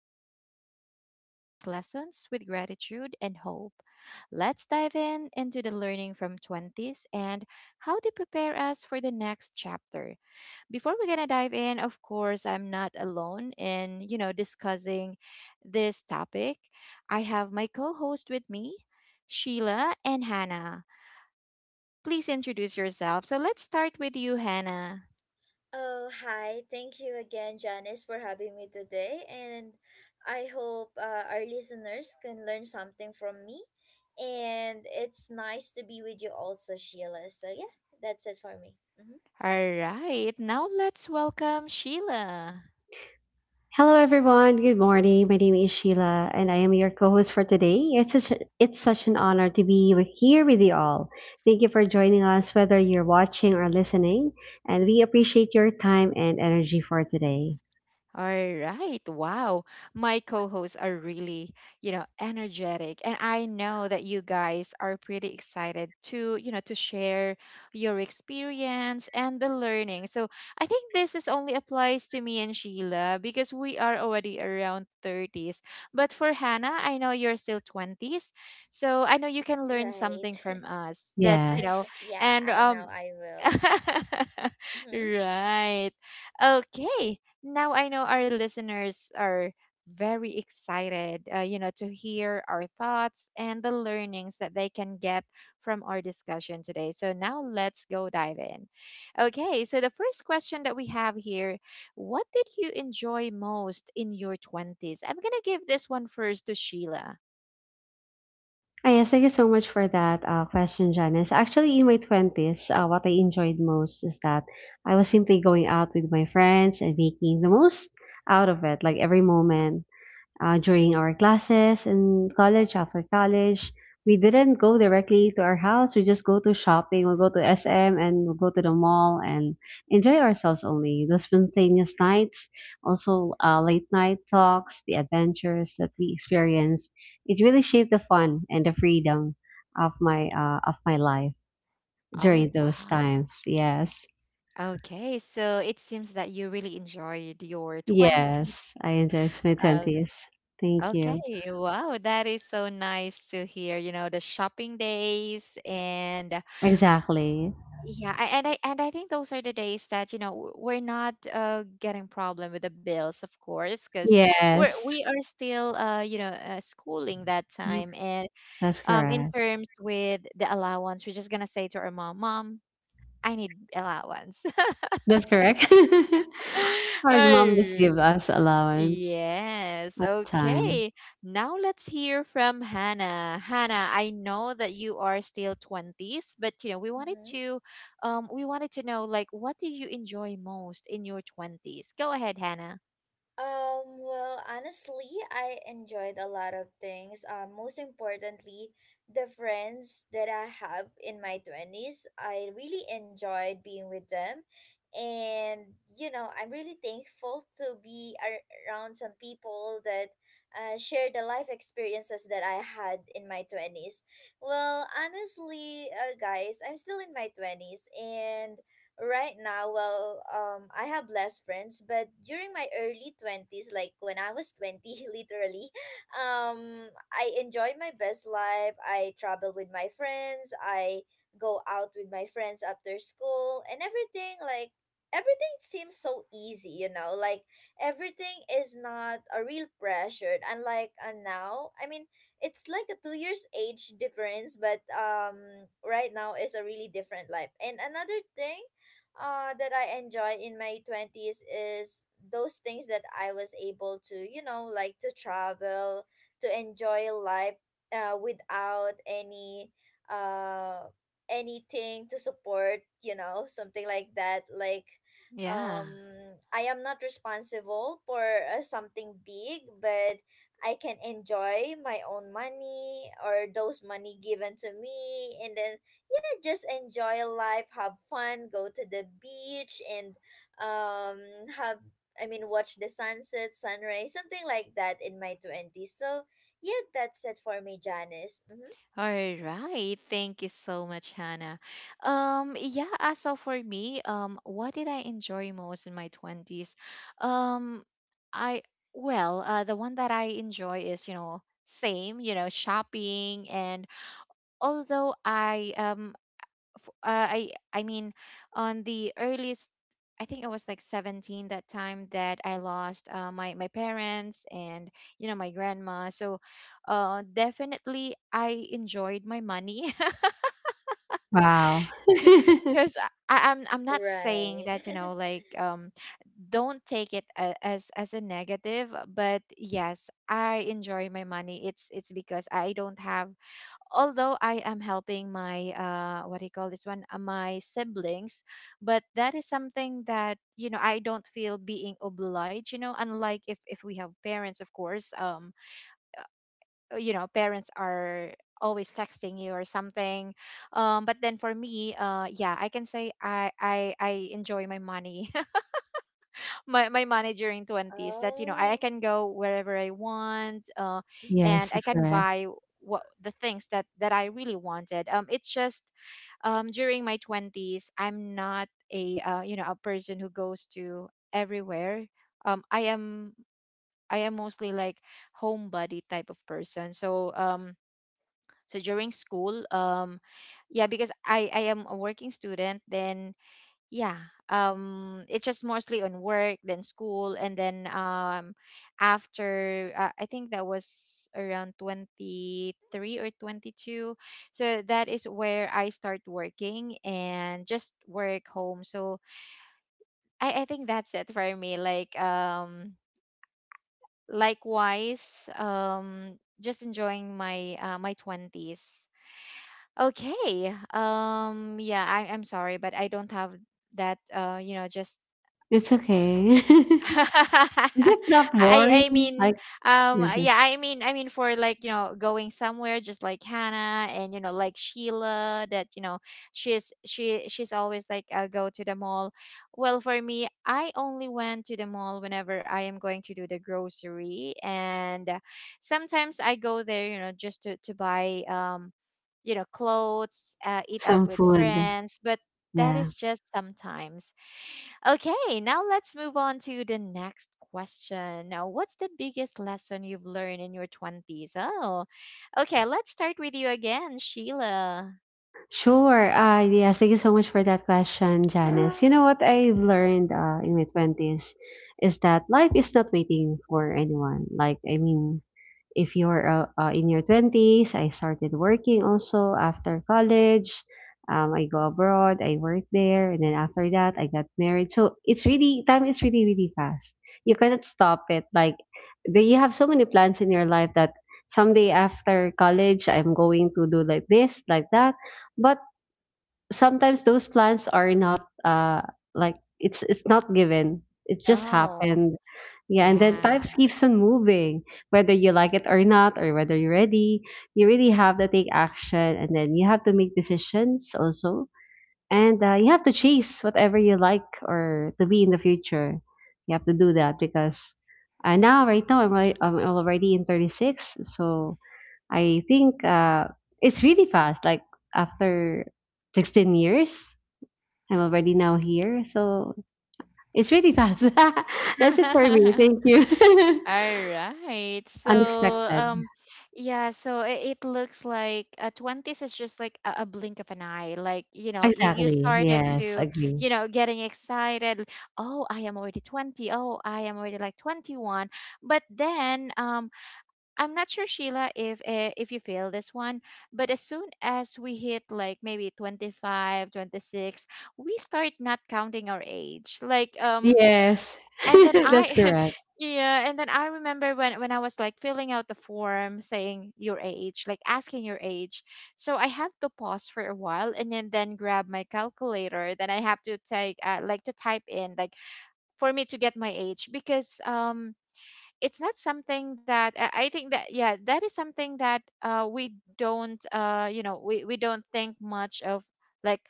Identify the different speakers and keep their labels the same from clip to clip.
Speaker 1: 30s, we carry those lessons with gratitude and hope. Let's dive in into the learning from 20s and how they prepare us for the next chapter before we're gonna dive in, of course, I'm not alone in discussing this topic. I have my co-host with me, Sheila and Hannah. Please introduce yourself. So let's start with you, Hannah.
Speaker 2: Oh, hi. Thank you again, Janice, for having me today. And I hope our listeners can learn something from me. And it's nice to be with you also, Sheila. So, yeah, that's it for me. Hmm.
Speaker 1: All right, now let's welcome Sheila.
Speaker 3: Hello, everyone. Good morning. My name is Sheila, and I am your co-host for today. It's such an honor to be here with you all. Thank you for joining us, whether you're watching or listening, and we appreciate your time and energy for today.
Speaker 1: All right. Wow. My co hosts are really, energetic. And I know that you guys are pretty excited to, to share your experience and the learning. So I think this is only applies to me and Sheila because we are already around 30s. But for Hannah, I know you're still 20s. So I know you can learn
Speaker 2: Right.
Speaker 1: something from us that, you know,
Speaker 3: Yes.
Speaker 2: Yeah,
Speaker 1: And
Speaker 2: I know I will. Mm-hmm.
Speaker 1: Right. Okay. Now I know our listeners are very excited, to hear our thoughts and the learnings that they can get from our discussion today. So now let's go dive in. Okay. So the first question that we have here: what did you enjoy most in your 20s? I'm going to give this one first to Sheila.
Speaker 3: Yes, thank you so much for that question, Janice. Actually, in my 20s, what I enjoyed most is that I was simply going out with my friends and making the most out of it, like every moment during our classes in college, after college. We didn't go directly to our house. We just go to shopping. We'll go to SM and we'll go to the mall and enjoy ourselves only. The spontaneous nights, also late night talks, the adventures that we experience. It really shaped the fun and the freedom of my life
Speaker 1: Oh,
Speaker 3: during those
Speaker 1: wow.
Speaker 3: times. Yes,
Speaker 1: Okay, so it seems that you really enjoyed your 20s.
Speaker 3: yes, I enjoyed my 20s. Thank you.
Speaker 1: Okay, wow, that is so nice to hear. You know, the shopping days and
Speaker 3: Exactly.
Speaker 1: yeah, and I think those are the days that, we're not getting problem with the bills, of course, because we're
Speaker 3: Yes.
Speaker 1: we are still schooling that time and
Speaker 3: That's
Speaker 1: in
Speaker 3: correct.
Speaker 1: terms with the allowance, we're just gonna say to our mom, "Mom, I need allowance."
Speaker 3: That's correct. Our mom just
Speaker 1: Ay.
Speaker 3: give us allowance
Speaker 1: Yes.
Speaker 3: at the time.
Speaker 1: Okay. Now let's hear from Hannah. Hannah, I know that you are still 20s, but we wanted
Speaker 2: Mm-hmm.
Speaker 1: to know like what did you enjoy most in your 20s? Go ahead, Hannah.
Speaker 2: Well, honestly, I enjoyed a lot of things. Most importantly, the friends that I have in my 20s, I really enjoyed being with them. And, you know, I'm really thankful to be around some people that share the life experiences that I had in my 20s. Well, honestly, guys, I'm still in my 20s. And right now, well, I have less friends, but during my early 20s, like when I was 20, literally, I enjoyed my best life. I travel with my friends. I go out with my friends after school and everything, like, everything seems so easy, you know? Like, everything is not a real pressure. Unlike now, I mean, it's like a 2 years age difference, but right now is a really different life. And another thing, that I enjoy in my 20s is those things that I was able to, you know, like to travel, to enjoy life without any uh anything to support, you know, something like that. Like
Speaker 1: Yeah.
Speaker 2: um I am not responsible for something big, but I can enjoy my own money or those money given to me, and then, yeah, just enjoy life, have fun, go to the beach, and um have I mean, watch the sunset, sunrise, something like that in my 20s. So, yeah, that's it for me, Janice. Mm-hmm.
Speaker 1: All right. Thank you so much, Hannah. Yeah, so for me, what did I enjoy most in my 20s? Um, I, well, the one that I enjoy is, same, shopping. And although I, f- I mean on the earliest I think I was like 17 that time that I lost my parents and my grandma. So definitely I enjoyed my money
Speaker 3: Wow.
Speaker 1: because I'm not saying
Speaker 2: Right.
Speaker 1: that like don't take it as a negative, but yes I enjoy my money. It's because I don't have although I am helping my what do you call this one my siblings but that is something that I don't feel being obliged unlike if we have parents of course parents are always texting you or something, but then for me yeah I can say I enjoy my money my, my Manager in 20s that I
Speaker 2: Oh.
Speaker 1: can go wherever I want.
Speaker 2: Mm-hmm.
Speaker 1: And
Speaker 3: Yes,
Speaker 1: I
Speaker 3: that's
Speaker 1: can
Speaker 3: correct.
Speaker 1: buy what the things that I really wanted. It's just during my 20s I'm not a you know a person who goes to everywhere. um i am I am mostly like homebody type of person. So during school, yeah because I am a working student then yeah. It's just mostly on work then school and then after I think that was around 23 or 22 so that is where I start working and just work home. So I think that's it for me like likewise, just enjoying my 20s. Okay, yeah I'm sorry but I don't have that just
Speaker 3: It's okay. Is it not boring?
Speaker 1: I I mean
Speaker 3: Like, with this-
Speaker 1: yeah I mean for like going somewhere just like Hannah and like Sheila that she's always like I go to the mall. Well for me I only went to the mall whenever I am going to do the grocery and sometimes I go there, just to buy clothes, eat out
Speaker 3: some
Speaker 1: with
Speaker 3: food.
Speaker 1: friends but that is
Speaker 3: Yeah.
Speaker 1: just sometimes. Okay, now let's move on to the next question. Now, what's the biggest lesson you've learned in your 20s? Oh, okay, let's start with you again, Sheila.
Speaker 3: Sure. Yes. Thank you so much for that question, Janice. You know what I learned in my 20s is that life is not waiting for anyone. Like, I mean, if you're in your 20s, I started working also after college. I go abroad, I work there, and then after that, I got married. So time is really, really fast. You cannot stop it. Like, you have so many plans in your life that someday after college, I'm going to do like this, like that. But sometimes those plans are not like, it's not given, it just
Speaker 1: Oh,
Speaker 3: happened. Yeah. And then
Speaker 1: yeah.
Speaker 3: time keeps on moving whether you like it or not, or whether you're ready. You really have to take action, and then you have to make decisions also. And you have to chase whatever you like or to be in the future. You have to do that because now right now I'm already in 36. So I think it's really fast. Like after 16 years, I'm already now here. So it's really fast. That's it for me. Thank you.
Speaker 1: All right. So,
Speaker 3: Unexpected.
Speaker 1: yeah, so it looks like 20s is just like a blink of an eye. Like, you
Speaker 3: Exactly.
Speaker 1: started
Speaker 3: Yes,
Speaker 1: to,
Speaker 3: agree.
Speaker 1: you know, getting excited. Oh, I am already 20. Oh, I am already like 21. But then, I'm not sure, Sheila, if you feel this one, but as soon as we hit like maybe 25, 26, we start not counting our age. Like,
Speaker 3: Yes,
Speaker 1: and then
Speaker 3: that's correct.
Speaker 1: yeah, and then I remember when I was like filling out the form saying your age, like asking your age. So I have to pause for a while and then grab my calculator. Then I have to take like to type in like for me to get my age because it's not something that I think that yeah that is something that we don't we don't think much of like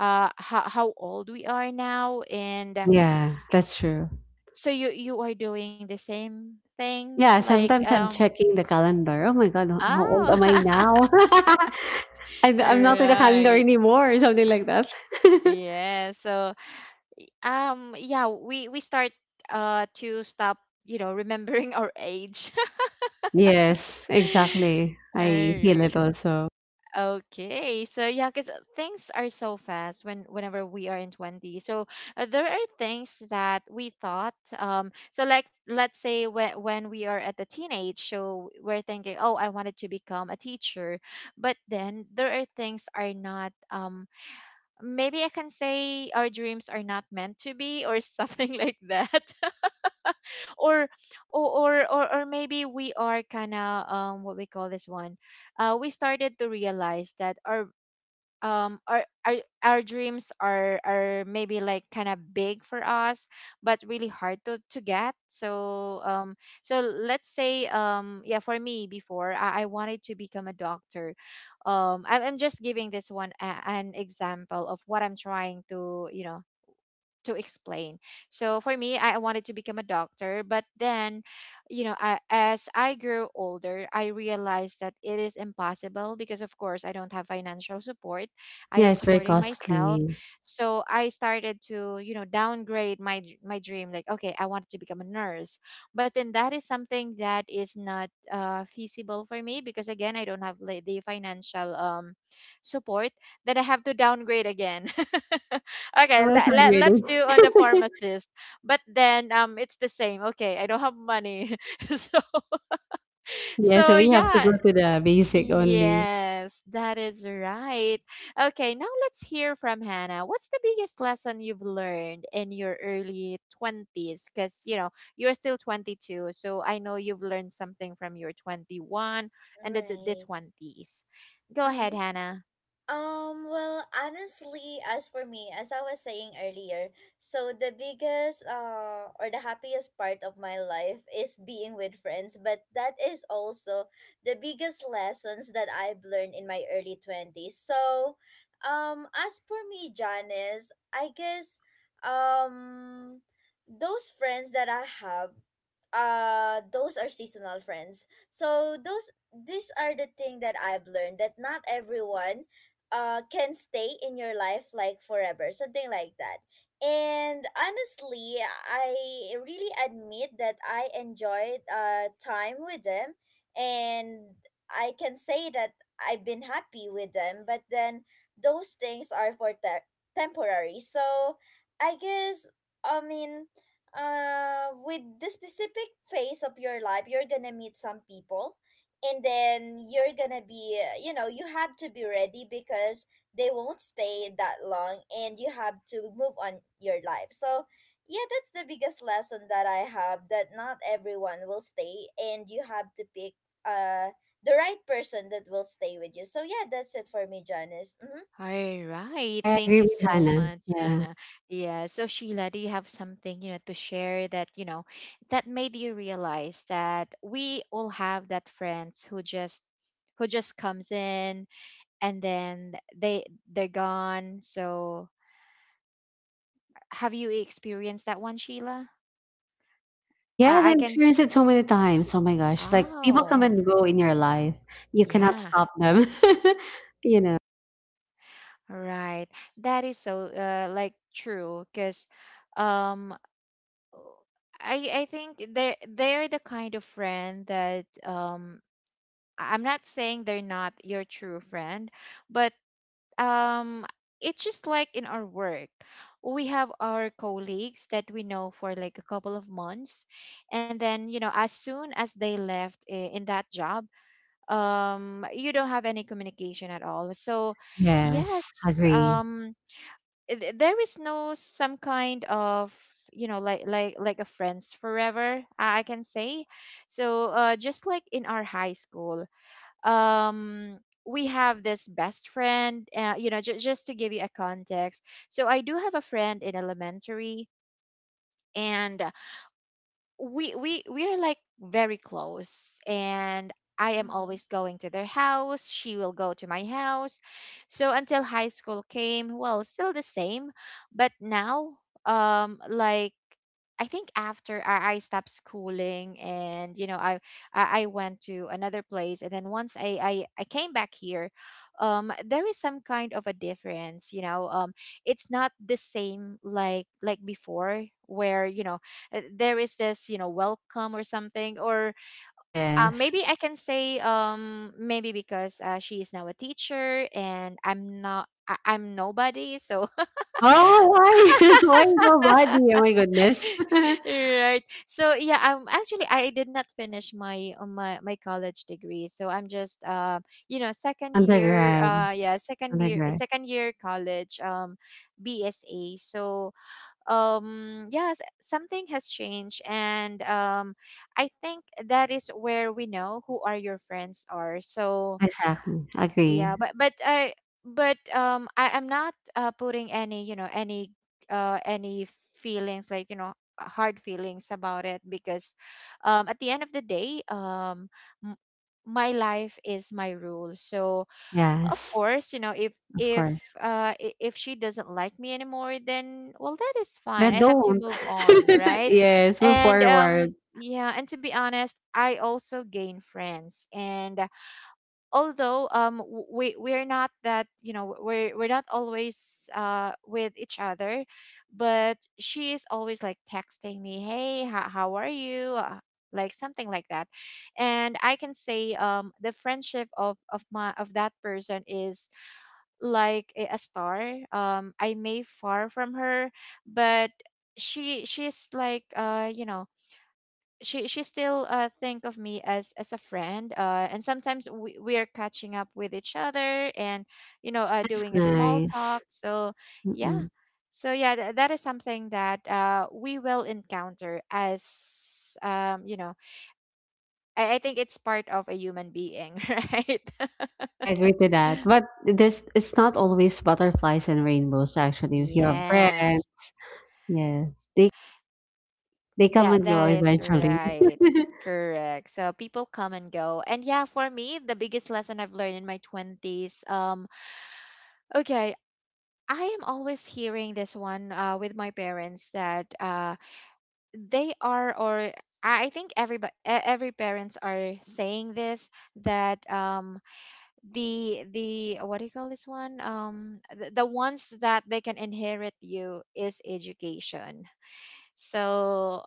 Speaker 1: how old we are now and.
Speaker 3: Yeah, that's true.
Speaker 1: So you are doing the same thing
Speaker 3: Yeah,
Speaker 1: like
Speaker 3: sometimes I'm checking the calendar. Oh my God, how old
Speaker 1: oh
Speaker 3: am I now? I'm not in the calendar
Speaker 1: right
Speaker 3: anymore, or something like that.
Speaker 1: yeah so yeah we start to stop remembering our age.
Speaker 3: Yes, exactly. I feel
Speaker 1: Okay.
Speaker 3: it also.
Speaker 1: Okay, so yeah, because things are so fast whenever we are in 20. So there are things that we thought. So like let's say when we are at the teenage, so we're thinking, oh, I wanted to become a teacher, but then there are things are not. Maybe I can say our dreams are not meant to be, or something like that, or or maybe we are kind of what we call this one, we started to realize that um our our, our dreams are maybe like kind of big for us but really hard to get so so let's say, yeah for me before I wanted to become a doctor. I'm just giving this one an example of what I'm trying to you know to explain. So for me, I wanted to become a doctor, but then, as I grew older, I realized that it is impossible because, of course, I don't have financial support. I
Speaker 3: Yeah,
Speaker 1: am
Speaker 3: it's very
Speaker 1: supporting myself,
Speaker 3: costly.
Speaker 1: so I started to, downgrade my dream. Like, okay, I wanted to become a nurse, but then that is something that is not feasible for me because again, I don't have like, the financial support that I have to downgrade again.
Speaker 3: Too
Speaker 1: Okay,
Speaker 3: much
Speaker 1: let's
Speaker 3: already.
Speaker 1: do on the pharmacist. But then it's the same. Okay, I don't have money. so
Speaker 3: Yeah, so
Speaker 1: so
Speaker 3: we have to go
Speaker 1: yeah,
Speaker 3: to the basic only.
Speaker 1: yes, that is right. Okay, now let's hear from Hannah. What's the biggest lesson you've learned in your early 20s cuz you're still 22. So I know you've learned something from your 21 and the
Speaker 2: Right.
Speaker 1: 20s. Go
Speaker 2: Mm-hmm.
Speaker 1: ahead, Hannah.
Speaker 2: Well, honestly, as for me, as I was saying earlier, so the biggest or the happiest part of my life is being with friends, but that is also the biggest lessons that I've learned in my early 20s. So, as for me, Janice, I guess um those friends that I have, those are seasonal friends. So those these are the thing that I've learned, that not everyone can stay in your life like forever, something like that. And honestly, I really admit that I enjoyed time with them, and I can say that I've been happy with them, but then those things are for temporary. So I guess, I mean, with the specific phase of your life, you're gonna meet some people, and then you're gonna be, you know, you have to be ready because they won't stay that long and you have to move on your life. So, yeah, that's the biggest lesson that I have, that not everyone will stay and you have to pick uh the right person that will stay with you. So, yeah, that's it for me, Janice. Mm-hmm.
Speaker 1: All right.
Speaker 3: I
Speaker 1: Thank
Speaker 3: agree
Speaker 1: you
Speaker 3: with
Speaker 1: so
Speaker 3: Hannah.
Speaker 1: much,
Speaker 3: Yeah.
Speaker 1: Anna. Yeah. So Sheila, do you have something, to share that, that made you realize that we all have that friends who just comes in and then they're gone. So have you experienced that one, Sheila?
Speaker 3: Yes, I
Speaker 1: I can.
Speaker 3: experienced it so many times. Oh my gosh. Like people come
Speaker 1: Oh,
Speaker 3: and go in your life. You cannot
Speaker 1: yeah.
Speaker 3: stop them. you know.
Speaker 1: Right. That is so like true because Um. Oh, I think they're the kind of friend that I'm not saying they're not your true friend, but um it's just like in our work. We have our colleagues that we know for like a couple of months and then as soon as they left in that job you don't have any communication at all. So
Speaker 3: Yes,
Speaker 1: yes,
Speaker 3: agree.
Speaker 1: there is no some kind of like a friends forever I can say so just like in our high school um we have this best friend, just to give you a context. So I do have a friend in elementary and we are like very close and I am always
Speaker 2: Mm-hmm.
Speaker 1: going to their house, she will go to my house. So until high school came, well, still the same, but now um like I think after I stopped schooling, and I went to another place, and then once I came back here, there is some kind of a difference, it's not the same like before where there is this welcome or something. Or
Speaker 3: Yes.
Speaker 1: maybe I can say, maybe because she is now a teacher and I'm not. I'm nobody, so
Speaker 3: Oh, why? Why nobody? Oh my goodness.
Speaker 1: right. So yeah, I'm actually, I did not finish my my college degree, so I'm just second year.
Speaker 3: Undergrad.
Speaker 1: Yeah
Speaker 3: Undergrad.
Speaker 1: second year college, BSA. So yes, something has changed. And I think that is where we know who are your friends are. So
Speaker 3: Exactly.
Speaker 1: yeah,
Speaker 3: Agree.
Speaker 1: but I but I am not putting any any uh any feelings, like hard feelings about it, because at the end of the day, m- my life is my rule. So of
Speaker 3: Yes,
Speaker 1: course, you know, if
Speaker 3: of
Speaker 1: if
Speaker 3: course.
Speaker 1: if she doesn't like me anymore, then well, that is fine.
Speaker 3: But
Speaker 1: I have to
Speaker 3: don't.
Speaker 1: move on, right?
Speaker 3: Yes, move
Speaker 1: And
Speaker 3: forward.
Speaker 1: yeah, and to be honest, I also gain friends. And although we're not that, you know, we're not always with each other, but she is always like texting me, "Hey, how are you?" Like something like that. And I can say, the friendship of my of that person is like a star. I may far from her, but she's like, she still think of me as a friend. And sometimes we are catching up with each other and
Speaker 3: That's
Speaker 1: doing a small talk.
Speaker 3: nice.
Speaker 1: So yeah,
Speaker 3: Mm-mm.
Speaker 1: so yeah, that is something that we will encounter as, I I think it's part of a human being, right?
Speaker 3: I agree to that. But this it's not always butterflies and rainbows actually. If you have friends,
Speaker 1: Yes.
Speaker 3: yes. They they come
Speaker 1: That
Speaker 3: and go
Speaker 1: that is
Speaker 3: eventually.
Speaker 1: right. Correct. So people come and go. And yeah, for me, the biggest lesson I've learned in my 20s, okay, I am always hearing this one with my parents, that they are or I think everybody, every parents are saying this, that the what do you call this one, the ones that they can inherit you is education. So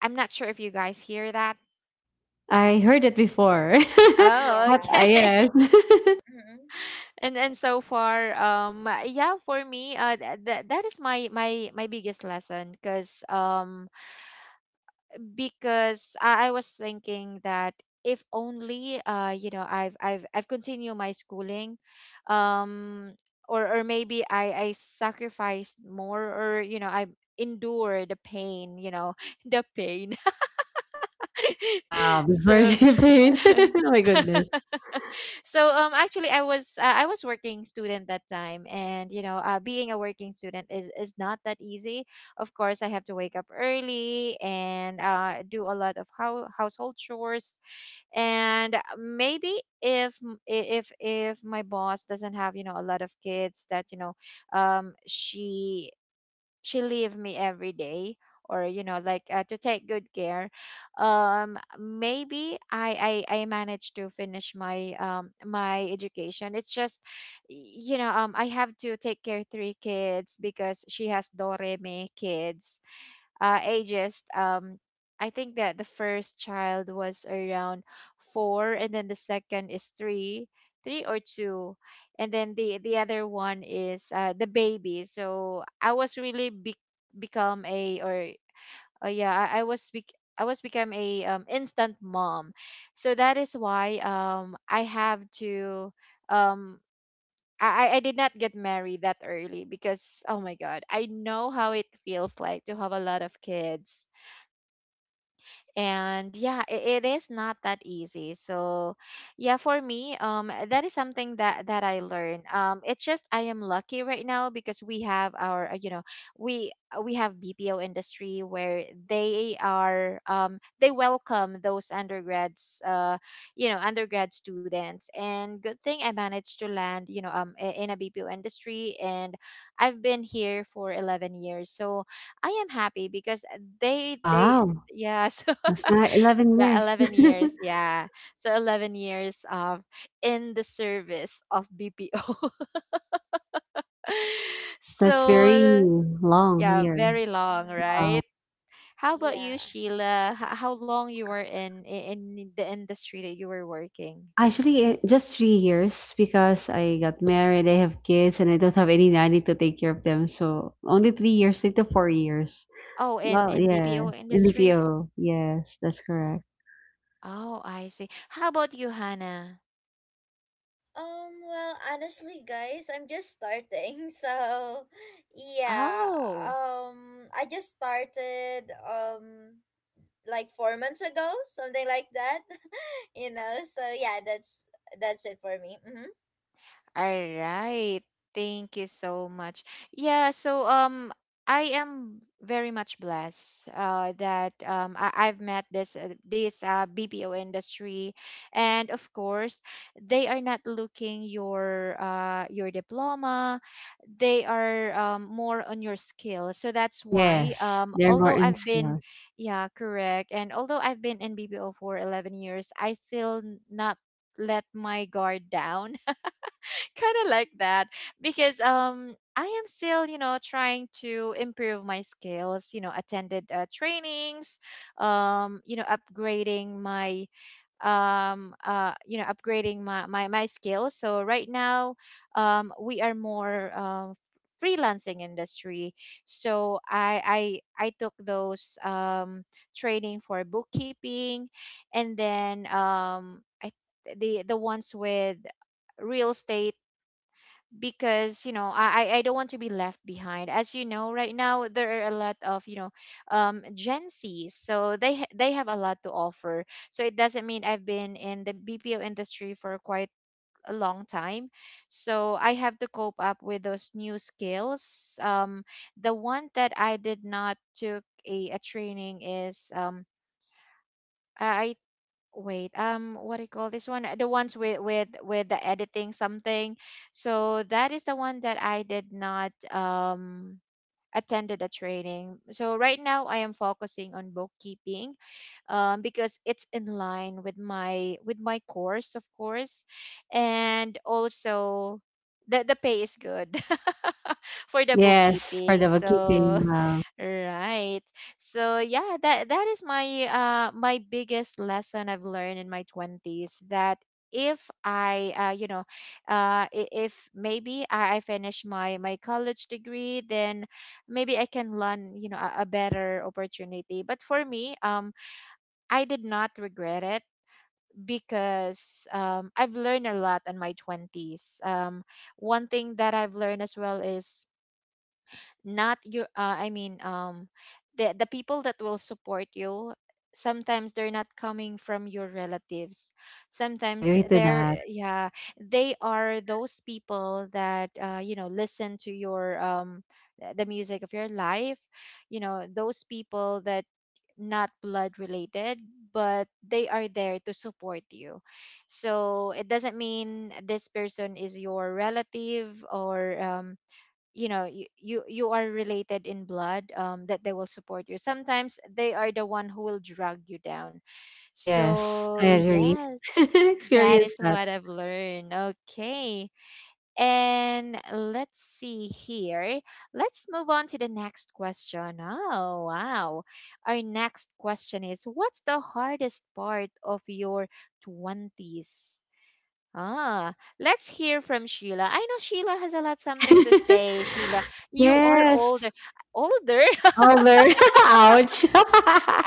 Speaker 1: I'm not sure if you guys hear that.
Speaker 3: I heard it before.
Speaker 1: Oh,
Speaker 3: But uh,
Speaker 2: Yeah.
Speaker 3: yes.
Speaker 1: okay.
Speaker 2: Mm-hmm.
Speaker 1: And so far, yeah, for me, that is my my biggest lesson, cause because I I was thinking that if only, you know, I've continued my schooling, um, or maybe I sacrificed more, or you know, I endure the pain, you know, the pain.
Speaker 3: Wow, before
Speaker 1: So.
Speaker 3: birthday pain. Oh my goodness.
Speaker 1: So actually, I was I was working student that time. And you know, being a working student is not that easy. Of course, I have to wake up early and, do a lot of household chores. And maybe if if if my boss doesn't have, you know, a lot of kids, that you know she leave me every day, or you know, like to take good care, maybe I managed to finish my education. It's just, you know, I have to take care three kids because she has doreme kids, ages, I think that the first child was around four, and then the second is three, three or two, and then the other one is the baby. So I was really become a, or yeah, I I, was become a, instant mom. So that is why I have to, um I did not get married that early, because oh my god, I know how it feels like to have a lot of kids. And yeah, it is not that easy. So yeah, for me, that is something that that I learned. It's just, I am lucky right now because we have our, you know, we have BPO industry where they are, they welcome those undergrads. You know, undergrad students. And good thing I managed to land, you know, in a BPO industry. And I've been here for 11 years. So I am happy because they
Speaker 3: Wow.
Speaker 1: yes.
Speaker 3: That's not 11
Speaker 1: Yeah,
Speaker 3: years.
Speaker 1: 11 years, yeah. So 11 years of in the service of BPO.
Speaker 3: That's very
Speaker 1: So
Speaker 3: long
Speaker 1: yeah,
Speaker 3: here.
Speaker 1: very long,
Speaker 2: Mm-hmm.
Speaker 3: Wow.
Speaker 1: right? How about
Speaker 2: Yeah.
Speaker 1: you, Sheila? How long you were in in the industry that you were working?
Speaker 3: Actually, just 3 years because I got married, I have kids, and I don't have any nanny to take care of them. So only 3 years, 3 to 4 years.
Speaker 1: Oh,
Speaker 3: Well,
Speaker 1: in BPO
Speaker 3: yes, in the
Speaker 1: industry.
Speaker 3: PO. Yes, that's correct.
Speaker 1: Oh, I see. How about you, Hannah?
Speaker 2: Well, honestly, guys, I'm just starting. So, yeah,
Speaker 1: Oh,
Speaker 2: I just started, like 4 months ago, something like that, you know? So, yeah, that's it for me. Mm-hmm.
Speaker 1: all right. Thank you so much. Yeah, so I am very much blessed that I've met this BPO industry. And of course, they are not looking your diploma. They are more on your skill. So that's why,
Speaker 3: Yes, they're more
Speaker 1: although
Speaker 3: in
Speaker 1: I've been,
Speaker 3: skills.
Speaker 1: yeah, correct. And although I've been in BPO for 11 years, I still not let my guard down, kind of like that, because I am still, you know, trying to improve my skills, you know, attended trainings, you know, upgrading my, you know, upgrading my my skills. So right now, we are more freelancing industry. So I took those, training for bookkeeping. And then I the ones with real estate, because you know, I don't want to be left behind. As you know, right now there are a lot of, you know, Gen Zs. So they have a lot to offer. So it doesn't mean I've been in the BPO industry for quite a long time, so I have to cope up with those new skills. The one that I did not took a training is. I Wait, what do you call this one? The ones with the editing, something. So that is the one that I did not, attended a training. So right now, I am focusing on bookkeeping, because it's in line with my course, of course. And also, the pay is good, for the
Speaker 3: Yes, for the
Speaker 1: bookkeeping. So
Speaker 3: bookkeeping. Wow.
Speaker 1: right. So yeah, that that is my, my biggest lesson I've learned in my 20s, that if I you know, if maybe I I finish my college degree, then maybe I can learn, you know, a better opportunity. But for me, I did not regret it, because I've learned a lot in my 20s. One thing that I've learned as well is not your, I mean, the people that will support you, sometimes they're not coming from your relatives,
Speaker 3: I
Speaker 1: sometimes
Speaker 3: agree to
Speaker 1: they're,
Speaker 3: that.
Speaker 1: yeah, they are those people that, you know, listen to your, the music of your life, you know, those people that not blood related, but they are there to support you. So it doesn't mean this person is your relative or, you know, you are related in blood, that they will support you. Sometimes they are the one who will drag you down.
Speaker 3: Yes,
Speaker 1: So
Speaker 3: I agree.
Speaker 1: yes, that
Speaker 3: Experience
Speaker 1: is
Speaker 3: that.
Speaker 1: what I've learned. Okay, and let's see here, let's move on to the next question. Oh wow, our next question is, what's the hardest part of your 20s? Ah, let's hear from Sheila. I know Sheila has a lot something to say. Sheila, you are
Speaker 3: Yes,
Speaker 1: older. Older?
Speaker 3: older. Ouch.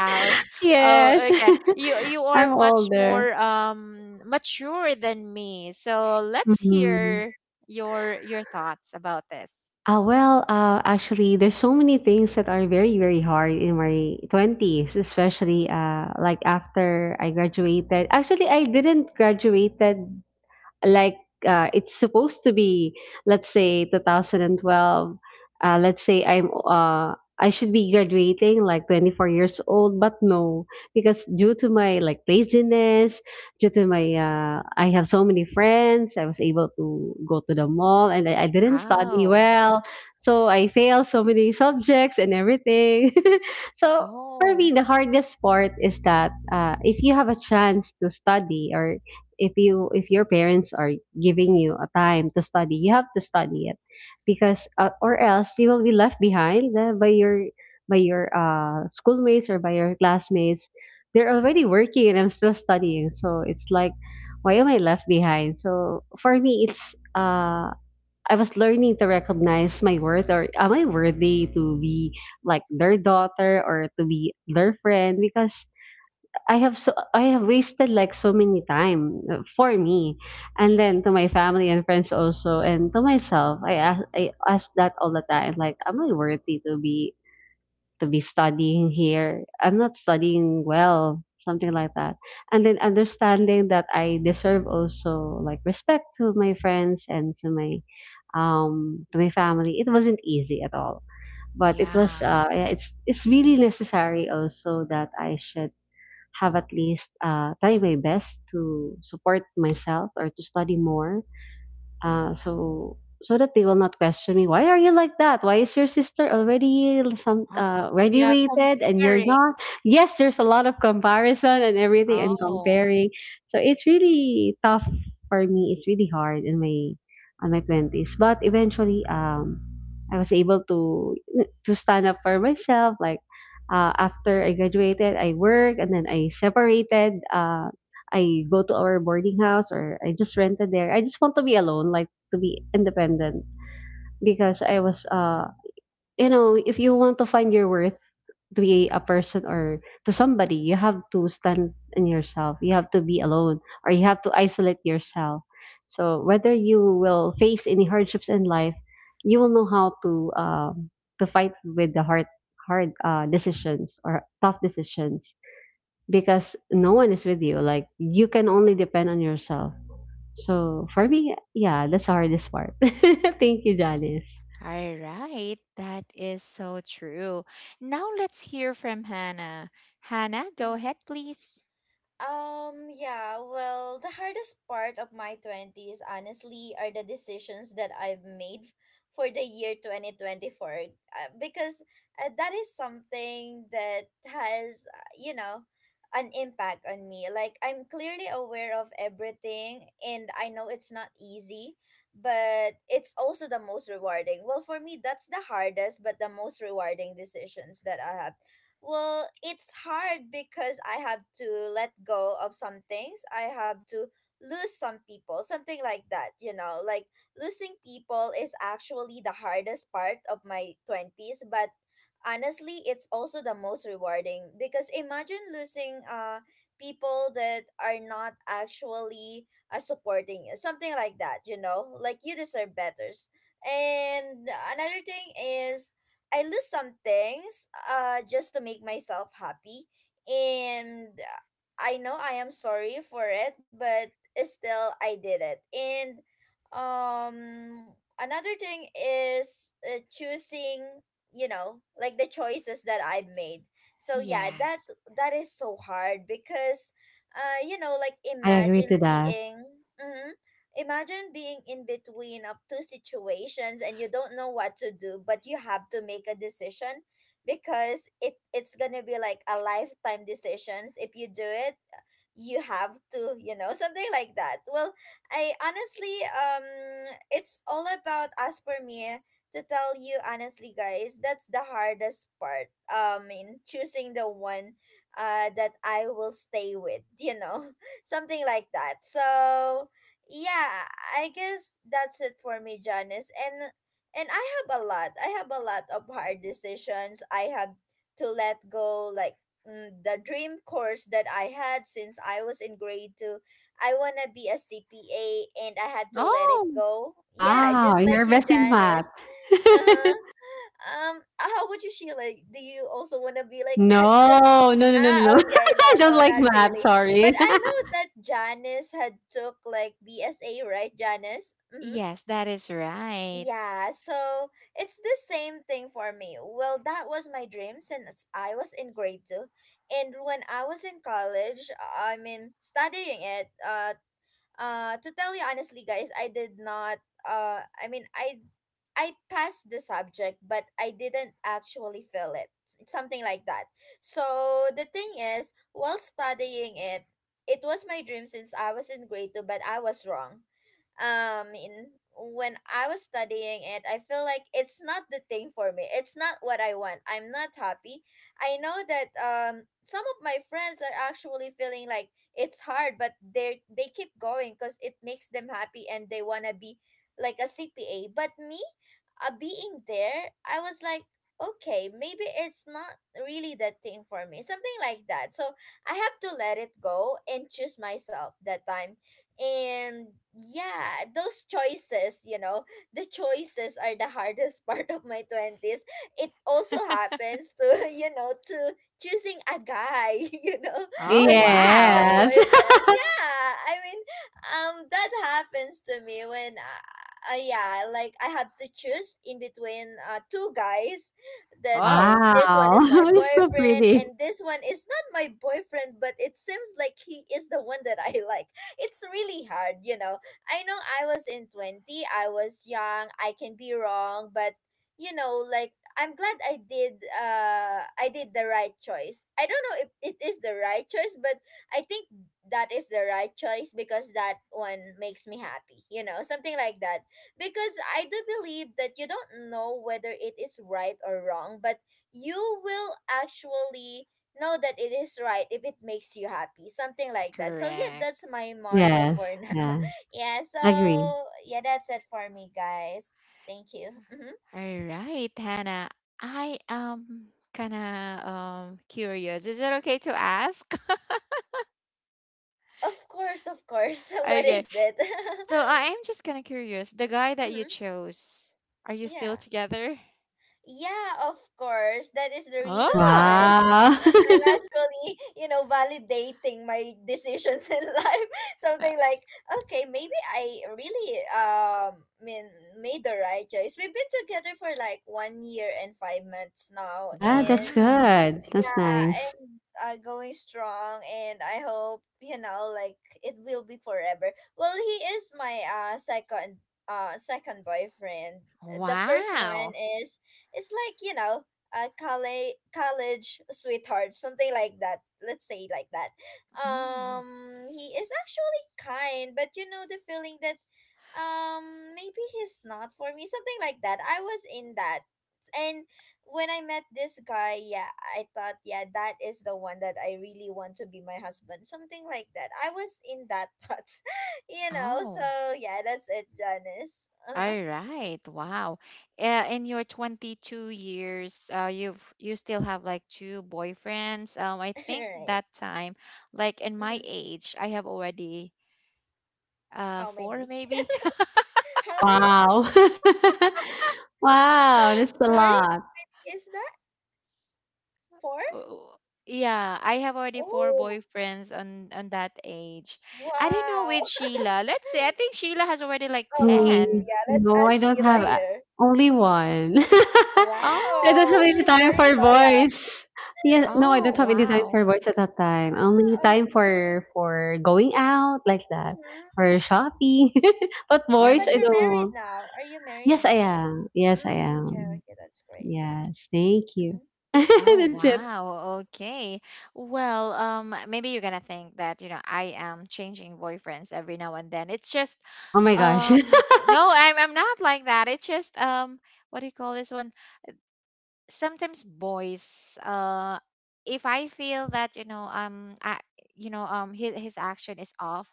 Speaker 1: Out. Oh,
Speaker 3: Yes,
Speaker 1: okay. You are
Speaker 3: I'm
Speaker 1: much
Speaker 3: older.
Speaker 1: more mature than me. So let's
Speaker 3: Mhm.
Speaker 1: hear your thoughts about this.
Speaker 3: Well, actually, there's so many things that are very, very hard in my 20s, especially like after I graduated. Actually, I didn't graduated, like it's supposed to be, let's say 2012. Let's say I should be graduating like 24 years old, but no, because due to my like laziness, due to my I have so many friends, I was able to go to the mall, and I didn't study
Speaker 1: Oh.
Speaker 3: well. So I failed so many subjects and everything. So for
Speaker 1: Oh.
Speaker 3: me, the hardest part is that if you have a chance to study, or if your parents are giving you a time to study, you have to study it, because or else you will be left behind by your schoolmates or by your classmates. They're already working and I'm still studying, so it's like, why am I left behind? So for me, it's I was learning to recognize my worth, or am I worthy to be like their daughter or to be their friend, because I have wasted like so many time, for me, and then to my family and friends also, and to myself. I ask that all the time. Like, am I worthy to be studying here? I'm not studying well, something like that. And then understanding that I deserve also like respect to my friends and to my family. It wasn't easy at all, but it was
Speaker 1: Yeah.
Speaker 3: it's really necessary also that I should have at least try my best to support myself or to study more. Uh, so so that they will not question me. Why are you like that? Why is your sister already some
Speaker 1: Oh, we are
Speaker 3: graduated and you're
Speaker 1: comparing.
Speaker 3: not? Yes, there's a lot of comparison and everything and
Speaker 1: Oh.
Speaker 3: comparing. So it's really tough for me. It's really hard in my on my 20s. But eventually, I was able to stand up for myself. Like, after I graduated, I worked and then I separated. I go to our boarding house, or I just rented there. I just want to be alone, like to be independent, because I was you know, if you want to find your worth, to be a person or to somebody, you have to stand in yourself. You have to be alone or you have to isolate yourself. So whether you will face any hardships in life, you will know how to fight with the hard decisions or tough decisions, because no one is with you. Like, you can only depend on yourself. So for me, yeah, that's the hardest part. Thank you, Janice.
Speaker 1: All right, that is so true. Now let's hear from Hannah. Hannah, go ahead,
Speaker 2: Mm-hmm.
Speaker 1: please.
Speaker 2: Yeah, well, the hardest part of my 20s, honestly, are the decisions that I've made for the year 2024. Because, that is something that has, you know, an impact on me. Like, I'm clearly aware of everything, and I know it's not easy, but it's also the most rewarding. Well, for me, that's the hardest, but the most rewarding decisions that I have. Well, it's hard because I have to let go of some things. I have to lose some people, something like that. Like, losing people is actually the hardest part of my 20s, but honestly, it's also the most rewarding because imagine losing people that are not actually supporting you, something like that. Like, you deserve better. And another thing is, I lose some things just to make myself happy. And, I know I am sorry for it, but still I did it. And um another thing is, choosing, like, the choices that I made. So, yeah, that
Speaker 1: Yes.
Speaker 2: that is so hard because, you know, like,
Speaker 3: I agree to
Speaker 2: imagine
Speaker 3: that.
Speaker 2: being. mhm, Imagine being in between of two situations and you don't know what to do, but you have to make a decision because it's gonna be like a lifetime decisions. If you do it, you have to, you know, something like that. Well, I honestly, it's all about as per me, to tell you honestly, guys. That's the hardest part. In choosing the one, that I will stay with, you know, something like that. So, yeah, I guess that's it for me, Janice. And I have a lot. I have a lot of hard decisions. I have to let go, like, the dream course that I had since I was in grade two. I wanna be a CPA, and I had to let it
Speaker 1: Oh,
Speaker 2: go. Yeah,
Speaker 3: Wow,
Speaker 2: just like
Speaker 3: you're
Speaker 2: you,
Speaker 3: best in math.
Speaker 2: Janice. Uh huh. How would you, Sheila? Do you also wanna be like that? Cause.
Speaker 3: No, no, no, no, no, no.
Speaker 2: Ah, okay,
Speaker 3: I
Speaker 2: not,
Speaker 3: don't
Speaker 2: no,
Speaker 3: like
Speaker 2: not
Speaker 3: math.
Speaker 2: really.
Speaker 3: Sorry.
Speaker 2: But I know that Janice had took like BSA, right, Janice? Mm-hmm.
Speaker 1: yes, that is right.
Speaker 2: Yeah, so it's the same thing for me. Well, that was my dream since I was in grade two, and when I was in college, I mean studying it. To tell you honestly, guys, I did not. I mean, I passed the subject, but I didn't actually feel it. Something like that. So the thing is, while studying it, it was my dream since I was in grade two, but I was wrong, in when I was studying it, I feel like it's not the thing for me. It's not what I want. I'm not happy. I know that some of my friends are actually feeling like it's hard, but they keep going because it makes them happy and they wanna be like a CPA. But me, being there, I was like, okay, maybe it's not really the thing for me, something like that. So I have to let it go and choose myself that time. And, yeah, those choices, the choices are the hardest part of my 20s. It also happens to, you know, to choosing a guy, you know,
Speaker 1: Oh,
Speaker 2: like, choosing the
Speaker 1: wow.
Speaker 3: Yes.
Speaker 2: boyfriend. Yeah, I mean, that happens to me when yeah, like I had to choose in between two guys that,
Speaker 1: Oh,
Speaker 2: this one
Speaker 3: Wow,
Speaker 2: is my
Speaker 3: you're so
Speaker 2: boyfriend
Speaker 3: pretty.
Speaker 2: and this one is not my boyfriend, but it seems like he is the one that I like. It's really hard. I know I was in 20, I was young, I can be wrong, but, you know, like, I'm glad I did the right choice. I don't know if it is the right choice, but I think that is the right choice because that one makes me happy, you know, something like that, because I do believe that you don't know whether it is right or wrong, but you will actually know that it is right if it makes you happy, something like that. So, yeah,
Speaker 1: correct.
Speaker 2: that's my motto
Speaker 3: Yes.
Speaker 2: for now.
Speaker 3: Yeah.
Speaker 2: Yeah,
Speaker 3: Agree.
Speaker 2: so, yeah, that's it for me, guys. Thank you. Hmm.
Speaker 1: All right, Hannah. I am kind of curious. Is it okay to ask?
Speaker 2: Of course, of course. What
Speaker 1: Okay,
Speaker 2: is it?
Speaker 1: so I am just kind of curious. The guy that
Speaker 2: Hmm.
Speaker 1: you chose, are you still
Speaker 2: Yeah.
Speaker 1: together?
Speaker 2: Yeah, of course. That is the reason why
Speaker 1: Oh,
Speaker 3: Wow.
Speaker 2: I'm actually, validating my decisions in life.
Speaker 1: uh,
Speaker 2: Something like, okay, maybe I really mean made the right choice. We've been together for like 1 year and 5 months now, and
Speaker 3: That's
Speaker 1: wow.
Speaker 3: good. That's
Speaker 2: yeah,
Speaker 3: nice.
Speaker 2: and uh, going strong, and I hope, like it will be forever. Well, he is my second boyfriend. The first one
Speaker 1: Wow.
Speaker 2: is it's like a college sweetheart, something like that. Let's say like that.
Speaker 1: Mm.
Speaker 2: He is actually kind, but you know the feeling that maybe he's not for me, something like that. I was in that, and when I met this guy, yeah, I thought, yeah, that is the one that I really want to be my husband. Something like that. I was in that thought, you know?
Speaker 1: Oh,
Speaker 2: So, yeah, that's it, Janice. Uh-huh.
Speaker 1: all right. Wow. In your 22 years, you've you still have like two boyfriends. I
Speaker 2: All
Speaker 1: think
Speaker 2: right.
Speaker 1: that time, like in my
Speaker 2: Mm-hmm.
Speaker 1: age, I have already
Speaker 2: How
Speaker 1: four
Speaker 2: many?
Speaker 1: maybe.
Speaker 2: How many?
Speaker 3: Wow.
Speaker 2: So,
Speaker 3: Wow, that's a
Speaker 2: sorry,
Speaker 3: lot.
Speaker 2: is that four?
Speaker 1: Oh, yeah, I have already four
Speaker 2: Oh,
Speaker 1: boyfriends on that age. I don't know
Speaker 2: wow.
Speaker 1: with Sheila. Let's say I think Sheila has already like
Speaker 2: Oh,
Speaker 3: Me,
Speaker 1: 10.
Speaker 2: yeah, let's
Speaker 3: no, I
Speaker 2: ask
Speaker 3: don't
Speaker 2: Sheila
Speaker 3: have a
Speaker 2: here.
Speaker 3: only one. I don't have
Speaker 2: Wow,
Speaker 3: any
Speaker 2: she's
Speaker 1: Oh.
Speaker 3: time
Speaker 2: very
Speaker 3: for
Speaker 2: loyal.
Speaker 3: boys. Yeah, no, I don't
Speaker 1: Oh,
Speaker 3: have any time
Speaker 1: wow.
Speaker 3: for boys at that time. Only
Speaker 2: Ah,
Speaker 3: time
Speaker 2: okay.
Speaker 3: for going out like that,
Speaker 2: Mhm.
Speaker 3: for shopping. But
Speaker 2: Yeah,
Speaker 3: boys,
Speaker 1: Oh.
Speaker 2: but
Speaker 3: I
Speaker 2: you're married
Speaker 3: don't.
Speaker 2: now. Are you married
Speaker 3: Yes, I
Speaker 2: now?
Speaker 3: am. Yes, I
Speaker 2: Mm, okay,
Speaker 3: am.
Speaker 2: okay, that's great.
Speaker 3: Yes, thank
Speaker 2: Mm-hmm.
Speaker 3: you.
Speaker 1: Oh
Speaker 3: That's it.
Speaker 1: wow. Okay. Well, maybe you're gonna think that, you know, I am changing boyfriends every now and then. It's just
Speaker 3: Oh my gosh.
Speaker 1: no, I'm not like that. It's just what do you call this one? Sometimes boys if I feel that, you know, I his action is off,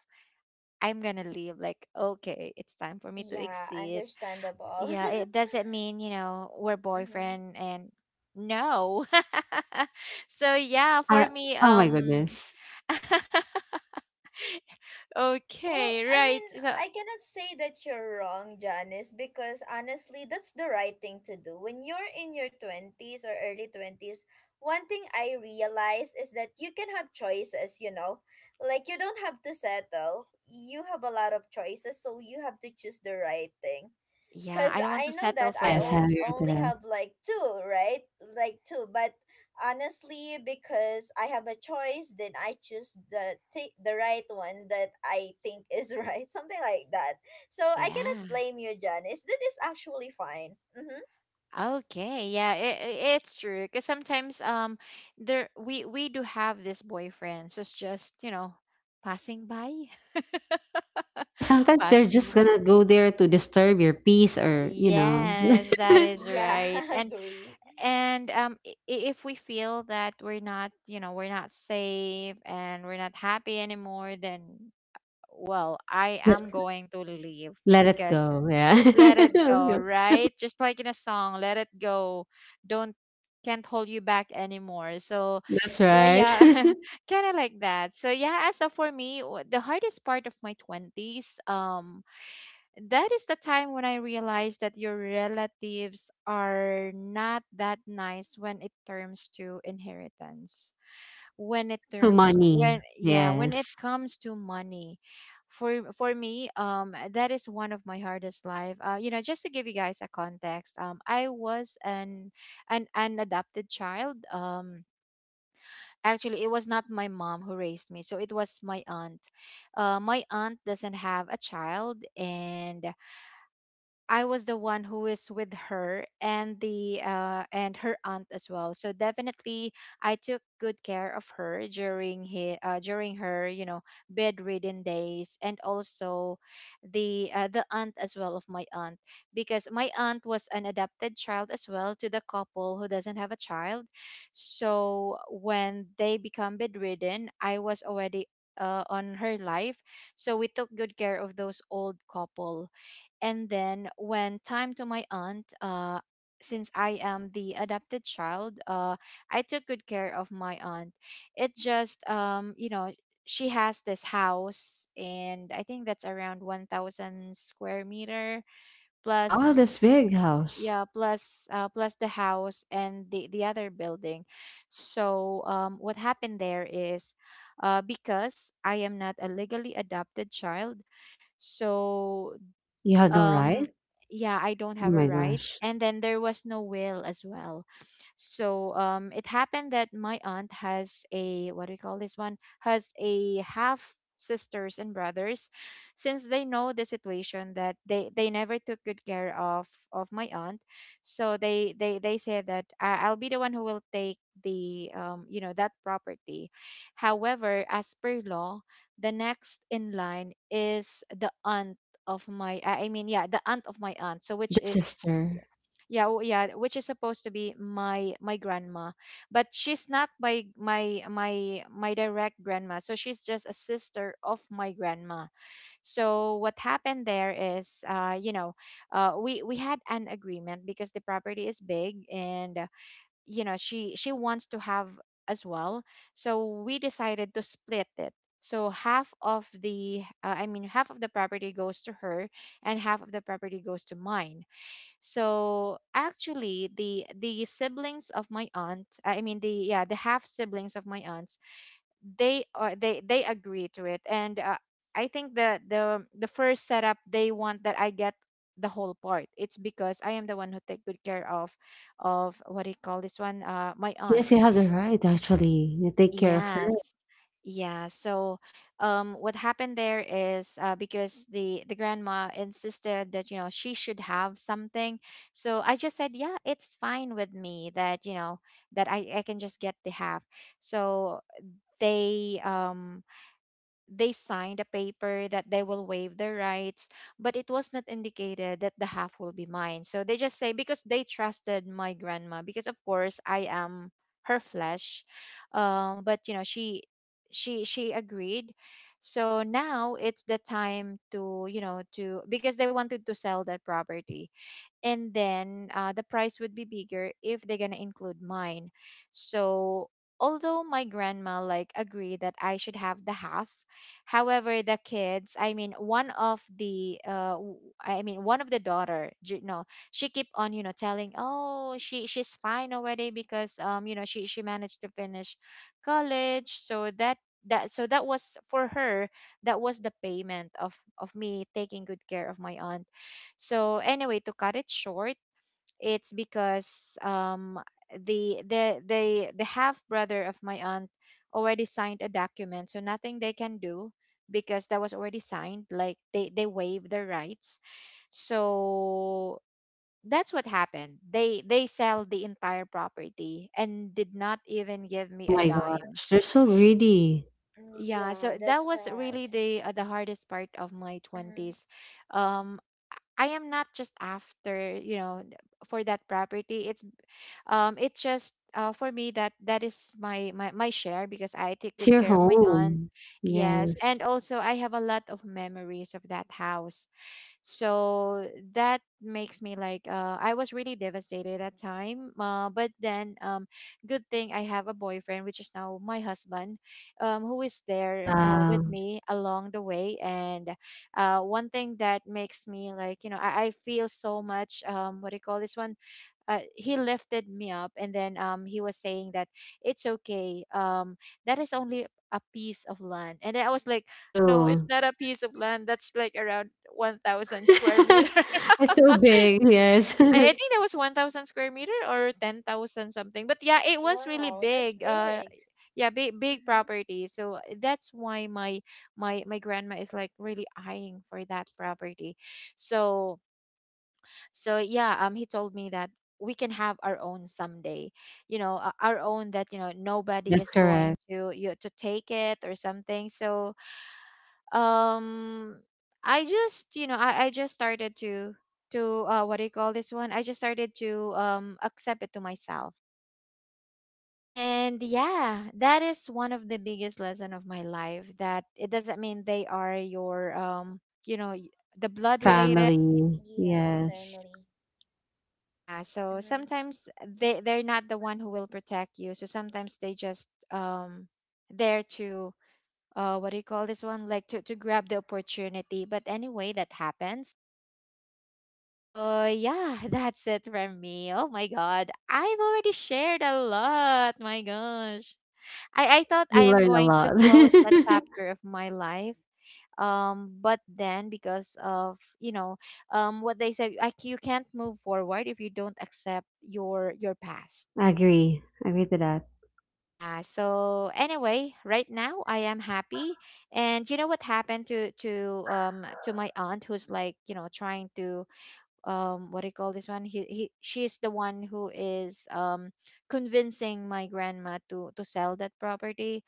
Speaker 1: I'm gonna leave. Like, okay, it's time for me to
Speaker 2: Yeah,
Speaker 1: exit.
Speaker 2: understandable.
Speaker 1: Yeah, it doesn't mean, you know, we're
Speaker 2: Mm-hmm.
Speaker 1: boyfriend and no. So yeah, for
Speaker 3: I,
Speaker 1: me,
Speaker 3: oh my goodness.
Speaker 2: Well,
Speaker 1: okay,
Speaker 2: I mean,
Speaker 1: right. So
Speaker 2: I cannot say that you're wrong, Janice, because honestly, that's the right thing to do. When you're in your 20s or early 20s, one thing I realize is that you can have choices, you know? Like, you don't have to settle. You have a lot of choices, so you have to choose the right thing.
Speaker 1: yeah,
Speaker 2: Cause
Speaker 1: I don't want
Speaker 2: I
Speaker 1: to
Speaker 2: know
Speaker 1: settle
Speaker 2: that
Speaker 1: for
Speaker 2: I
Speaker 3: Yes, I
Speaker 2: o-
Speaker 1: less.
Speaker 3: agree to
Speaker 2: only
Speaker 3: that.
Speaker 2: have like two, right? Like two, but honestly, because I have a choice, then I choose the right one that I think is right, something like that. So I cannot
Speaker 1: Yeah.
Speaker 2: blame you, Janice. That is actually fine. Mm-hmm.
Speaker 1: Okay. Yeah, it's true because sometimes there we do have this boyfriend who's just, you know, passing by.
Speaker 3: Yeah, sometimes they're
Speaker 1: Passing
Speaker 3: just
Speaker 1: by.
Speaker 3: gonna go there to disturb your peace or,
Speaker 1: Yes, that is right.
Speaker 2: Yeah,
Speaker 1: And
Speaker 2: agree.
Speaker 1: and um i- i- if we feel that we're not, you know, we're not safe and we're not happy anymore, then well, I am
Speaker 3: just
Speaker 1: going to leave
Speaker 3: let it
Speaker 1: because
Speaker 3: go. Yeah.
Speaker 1: let it go, right? Just like in a song, let it go. Don't, can't hold you back anymore. So,
Speaker 3: That's
Speaker 1: so
Speaker 3: right.
Speaker 1: yeah, kind of like that. So yeah, so for me, the hardest part of my 20s, that is the time when I realized that your relatives are not that nice when it turns to inheritance. When it
Speaker 3: To
Speaker 1: terms
Speaker 3: money.
Speaker 1: when yeah, when it
Speaker 3: Yes.
Speaker 1: comes to money. For me, that is one of my hardest life. You know, just to give you guys a context, I was an adopted child. Actually it was not my mom who raised me, so it was my aunt. My aunt doesn't have a child, and I was the one who is with her and the and her aunt as well. So definitely, I took good care of her during during her, you know, bedridden days, and also the aunt as well of my aunt, because my aunt was an adopted child as well to the couple who doesn't have a child. So when they become bedridden, I was already on her life, so we took good care of those old couple, and then when time to my aunt, since I am the adopted child, I took good care of my aunt. It just, you know, she has this house, and I think that's around 1,000 square meter
Speaker 3: Wow, this
Speaker 1: plus.
Speaker 3: big house.
Speaker 1: Yeah, plus plus the house and the other building. So what happened there is, because I am not a legally adopted child, so
Speaker 3: You had no
Speaker 1: um
Speaker 3: right?
Speaker 1: yeah, I don't
Speaker 3: Oh
Speaker 1: have a
Speaker 3: my
Speaker 1: rights,
Speaker 3: gosh.
Speaker 1: and then there was no will as well. So um, it happened that my aunt has a what do you call this one, has a half sisters and brothers. Since they know the situation that they never took good care of my aunt, so they said that I'll be the one who will take the um, you know, that property. However, as per law, the next in line is the aunt of my I mean, yeah, the aunt of my aunt, so
Speaker 3: The
Speaker 1: which is
Speaker 3: sister.
Speaker 1: yeah, yeah, which is supposed to be my grandma. But she's not my direct grandma, so she's just a sister of my grandma. So what happened there is, uh, you know, we had an agreement because the property is big, and you know, she wants to have as well, so we decided to split it. So half of the I mean half of the property goes to her, and half of the property goes to mine. So actually the siblings of my aunt, I mean the, yeah, the half siblings of my aunt, they are they agree to it. And I think the first setup, they want that I get the whole part. It's because I am the one who take good care of what do you call this one, uh, my aunt.
Speaker 3: Yes, you had the right, actually. You take care of her.
Speaker 1: Yes, yeah. So um, what happened there is, because the grandma insisted that, you know, she should have something, so I just said yeah, it's fine with me that, you know, that I can just get the half. So they um, they signed a paper that they will waive their rights, but it was not indicated that the half will be mine. So they just say because they trusted my grandma, because of course I am her flesh, but you know she agreed. So now it's the time to, you know, to because they wanted to sell that property, and then the price would be bigger if they're gonna include mine. So although my grandma like agreed that I should have the half, however the kids, I mean one of the I mean one of the daughter, no, she keep on, you know, telling oh, she's fine already because um, you know, she managed to finish college, so that so that was for her. That was the payment of me taking good care of my aunt. So anyway, to cut it short, it's because the the the the half brother of my aunt already signed a document, so nothing they can do because that was already signed. Like they waive their rights. So that's what happened. They sell the entire property and did not even give me
Speaker 3: Oh
Speaker 1: a
Speaker 3: my
Speaker 1: dime.
Speaker 3: gosh. They're so
Speaker 1: S-
Speaker 3: greedy.
Speaker 1: Yeah,
Speaker 2: Yeah,
Speaker 1: so
Speaker 2: that's
Speaker 1: that was
Speaker 2: sad.
Speaker 1: really the hardest part of my
Speaker 2: Hmm.
Speaker 1: 20s. Um I am not just after, you know, th- for that property. It's um, it's just for me that that is my share because I take
Speaker 3: It's
Speaker 1: good
Speaker 3: your
Speaker 1: care of my aunt.
Speaker 3: home.
Speaker 1: Yes,
Speaker 3: Yes.
Speaker 1: and also I have a lot of memories of that house, so that makes me like I was really devastated at time, but then good thing I have a boyfriend which is now my husband, who is there with
Speaker 3: Wow.
Speaker 1: me along the way. And one thing that makes me like, you know, I feel so much what do you call this one, he lifted me up, and then he was saying that it's okay, that is only a piece of land. And then I was like no, it's
Speaker 3: True.
Speaker 1: not a piece of land, that's like around 1,000 square meter.
Speaker 3: It's so big. Yes.
Speaker 1: I think that was 1,000 square meter or 10,000 something, but yeah, it was really
Speaker 2: Wow, that's
Speaker 1: big,
Speaker 2: big.
Speaker 1: yeah, big big
Speaker 2: Mm-hmm.
Speaker 1: property. So that's why my grandma is like really eyeing for that property. So so yeah, um, he told me that we can have our own someday, you know, our own that, you know, nobody
Speaker 3: That's
Speaker 1: is
Speaker 3: correct.
Speaker 1: going to you to take it or something. So um, I just, you know, I just started to what do you call this one, I just started to um, accept it to myself. And yeah, that is one of the biggest lesson of my life, that it doesn't mean they are your um, you know, y- the
Speaker 3: Your
Speaker 1: blood related.
Speaker 3: family.
Speaker 2: Yeah,
Speaker 3: Yes.
Speaker 2: family.
Speaker 1: Yeah, so
Speaker 2: Mm-hmm.
Speaker 1: sometimes they're not the one who will protect you. So sometimes they just there to uh, what do you call this one? Like to grab the opportunity. But anyway, that happens. So yeah, that's it from me. Oh my god. I've already shared a lot. My gosh. I thought I
Speaker 3: You
Speaker 1: am
Speaker 3: learn a
Speaker 1: going to
Speaker 3: lot.
Speaker 1: close that chapter of my life. But then because of, you know, what they said, like you can't move forward if you don't accept your past.
Speaker 3: Agree. Agree to that.
Speaker 1: Yeah, so anyway, right now I am happy. And you know what happened to to my aunt who's like, you know, trying to um, what do you call this one? He she's the one who is um, convincing my grandma to sell that property.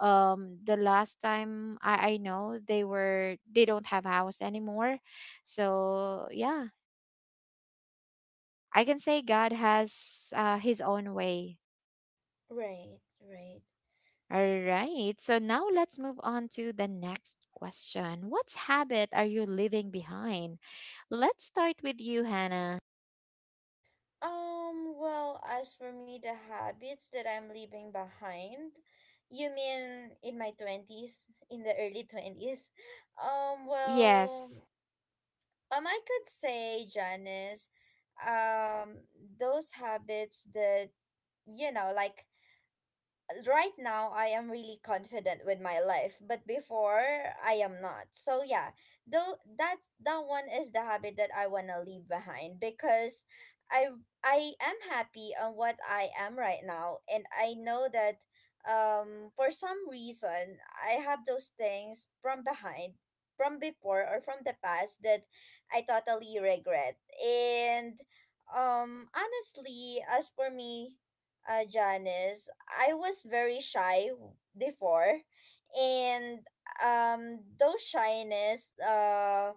Speaker 1: Um, the last time I know they don't have house anymore. So yeah, I can say god has his own way.
Speaker 2: Right, right.
Speaker 1: All right, so now let's move on to the next question. What habit are you leaving behind? Let's start with you, Hannah.
Speaker 2: Well, as for me, the habits that I'm leaving behind, you mean in my 20s, in the early 20s? Well,
Speaker 1: Yes.
Speaker 2: I could say, Janice, um, those habits that, you know, like right now I am really confident with my life, but before I am not. So yeah, though that's that one is the habit that I wanna leave behind because I I am happy on what I am right now and I know that for some reason I have those things from behind from before or from the past that I totally regret. And honestly, as for me, Janice, I was very shy before, and those shyness,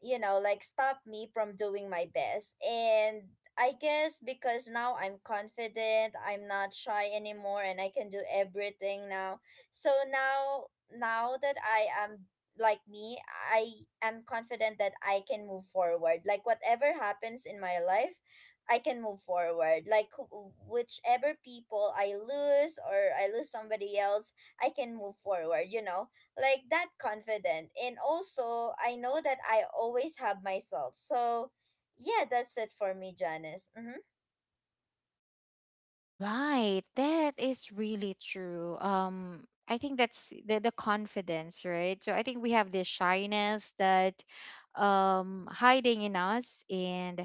Speaker 2: you know, like stop me from doing my best. And I guess because now I'm confident, I'm not shy anymore, and I can do everything now. So now, now that I am like me, I am confident that I can move forward. Like whatever happens in my life, I can move forward. Like whichever people I lose or I lose somebody else, I can move forward, you know? Like that confident, and also I know that I always have myself. So yeah, that's it for me, Janice. Mm-hmm.
Speaker 1: Right. That is really true. I think that's the confidence, right? So I think we have this shyness that um, hiding in us, and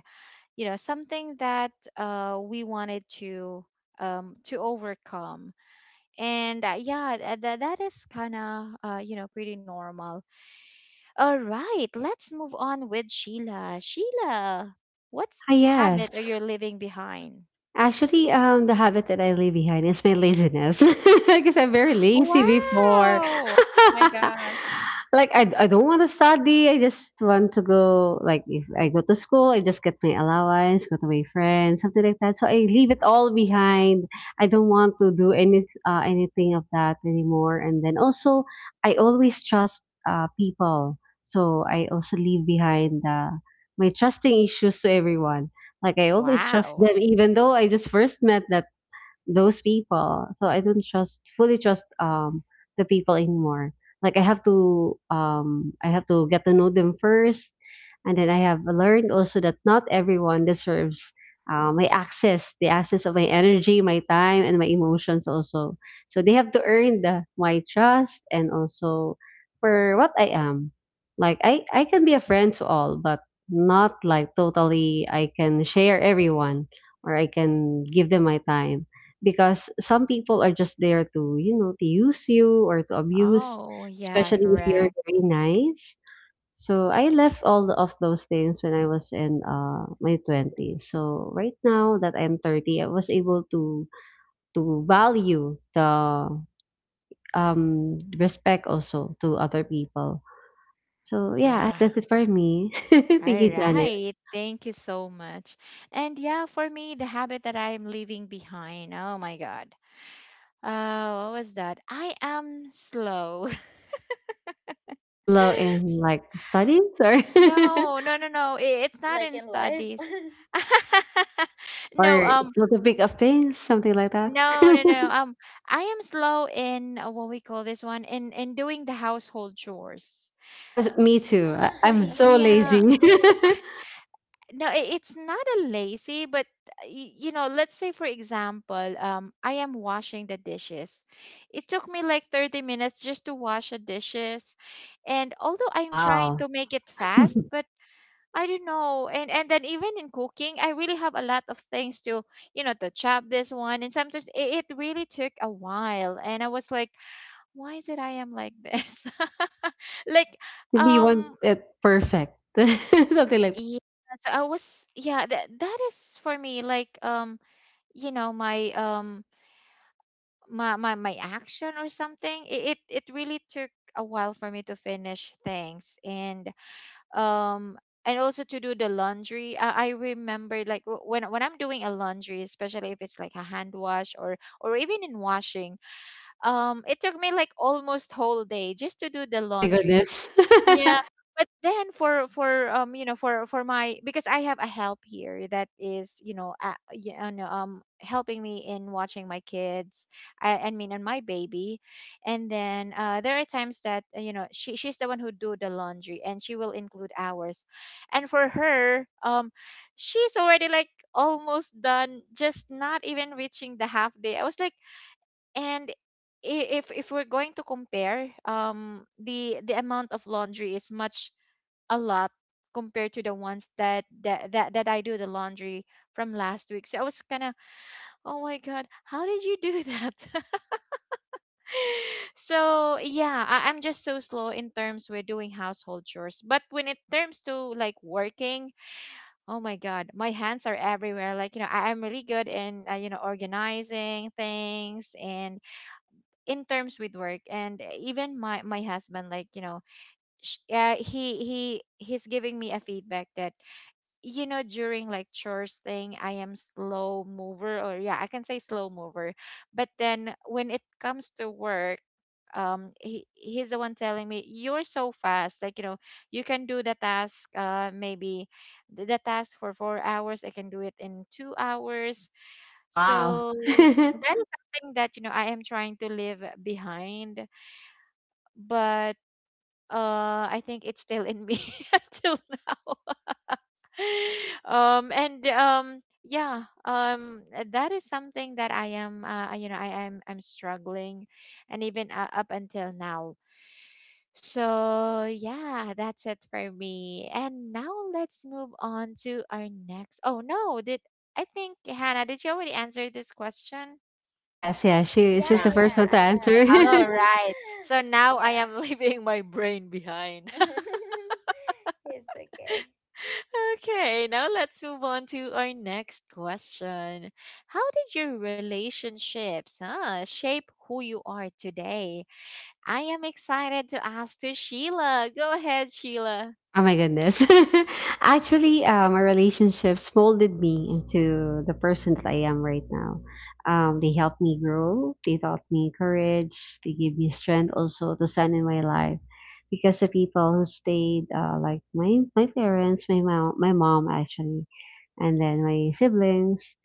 Speaker 1: you know something that uh, we wanted to um, to overcome. And yeah, that is kind of uh, you know, pretty normal. All right, let's move on with Sheila. Sheila, what's
Speaker 3: Yes.
Speaker 1: habit are you leaving behind?
Speaker 3: Actually, the habit that I leave behind is my laziness, because I'm very
Speaker 1: Oh,
Speaker 3: lazy before.
Speaker 1: wow! Oh my gosh.
Speaker 3: Like, I don't want to study. I just want to go. Like, if I go to school, I just get my allowance, go to my friends, something like that. So I leave it all behind. I don't want to do anything of that anymore. And then also, I always trust people. So I also leave behind my trusting issues to everyone. Like, I always trust
Speaker 1: Wow.
Speaker 3: them, even though I just first met that those people. So I don't trust fully trust the people anymore. Like, I have to get to know them first, and then I have learned also that not everyone deserves my access, the access of my energy, my time, and my emotions also. So they have to earn my trust, and also for what I am. Like, I can be a friend to all, but not like totally I can share everyone or I can give them my time, because some people are just there to to use you or to abuse,
Speaker 1: Oh, yeah,
Speaker 3: especially if you're
Speaker 1: correct.
Speaker 3: very nice. So I left all of those things when I was in my 20s. So right now that I'm 30, I was able to value the respect also to other people. So yeah,
Speaker 1: Yeah.
Speaker 3: that's it for me.
Speaker 1: All
Speaker 3: Thank you, Janet.
Speaker 1: right. Thank you so much. And yeah, for me, the habit that I'm leaving behind. Oh my God. What was that? I am slow.
Speaker 3: Slow in like studies or
Speaker 1: No, no, no, no. It's not
Speaker 2: Like
Speaker 1: in
Speaker 2: in life.
Speaker 1: studies. No,
Speaker 3: or slow to pick up things, something like that.
Speaker 1: no, no, no. I am slow in what we call this one, in doing the household chores.
Speaker 3: Me too.
Speaker 2: Ah.
Speaker 3: I
Speaker 1: Uh,
Speaker 3: I'm so
Speaker 1: Yeah,
Speaker 3: lazy.
Speaker 2: Okay.
Speaker 1: no it's not a lazy but you know let's say for example I am washing the dishes. It took me like 30 minutes just to wash the dishes, and although I'm trying
Speaker 3: Wow.
Speaker 1: to make it fast, but I don't know. And then even in cooking, I really have a lot of things to, you know, to chop this one, and sometimes it really took a while, and I was like, why is it I am like this? Like,
Speaker 3: Maybe you want
Speaker 1: um
Speaker 3: it perfect. Something like...
Speaker 1: yes, I was, yeah, that is for me, like, you know, my my my action or something. It really took a while for me to finish things. And um and also to do the laundry. I remember like when I'm doing a laundry, especially if it's like a hand wash, or even in washing, it took me like almost whole day just to do the
Speaker 3: Oh my
Speaker 1: laundry.
Speaker 3: goodness.
Speaker 1: Yeah, but then for you know, for my, because I have a help here, that is, you know, you know, helping me in watching my kids. I mean, and my baby. And then there are times that, you know, she's the one who do the laundry, and she will include hours. And for her, she's already like almost done, just not even reaching the half day. I was like, and if we're going to compare, the amount of laundry is much a lot compared to the ones that that I do the laundry from last week. So I was kind of, oh my god, how did you do that? So yeah, I'm just so slow in terms with doing household chores. But when it terms to like working, oh my god, my hands are everywhere. Like, you know, I'm really good in, you know, organizing things, and in terms with work. And even my husband, like, you know, he he's giving me a feedback that, you know, during like chores thing, I am slow mover, or yeah, I can say slow mover. But then when it comes to work, he, he's the one telling me, you're so fast, like, you know, you can do the task, maybe the task for 4 hours, I can do it in 2 hours.
Speaker 3: Wow.
Speaker 1: So that is something that, you know, I am trying to leave behind, but I think it's still in me until now. That is something that I am, you know, I'm struggling, and even up until now. So yeah, that's it for me. And now let's move on to our next. Oh no, did, I think Hannah, did you already answer this question?
Speaker 3: Yes, yeah, she
Speaker 2: Yeah,
Speaker 3: she's the first
Speaker 2: yeah,
Speaker 3: one to
Speaker 2: I have.
Speaker 3: answer.
Speaker 1: All right. So now I
Speaker 2: Yeah.
Speaker 1: am leaving my brain behind.
Speaker 2: It's okay.
Speaker 1: Okay, now let's move on to our next question. How did your relationships, huh, shape who you are today? I am excited to ask to Sheila. Go ahead, Sheila.
Speaker 3: Oh my goodness. Actually, my relationships molded me into the person that I am right now. They helped me grow. They taught me courage. They gave me strength also to stand in my life. Because the people who stayed, like my parents, my mom actually, and then my siblings,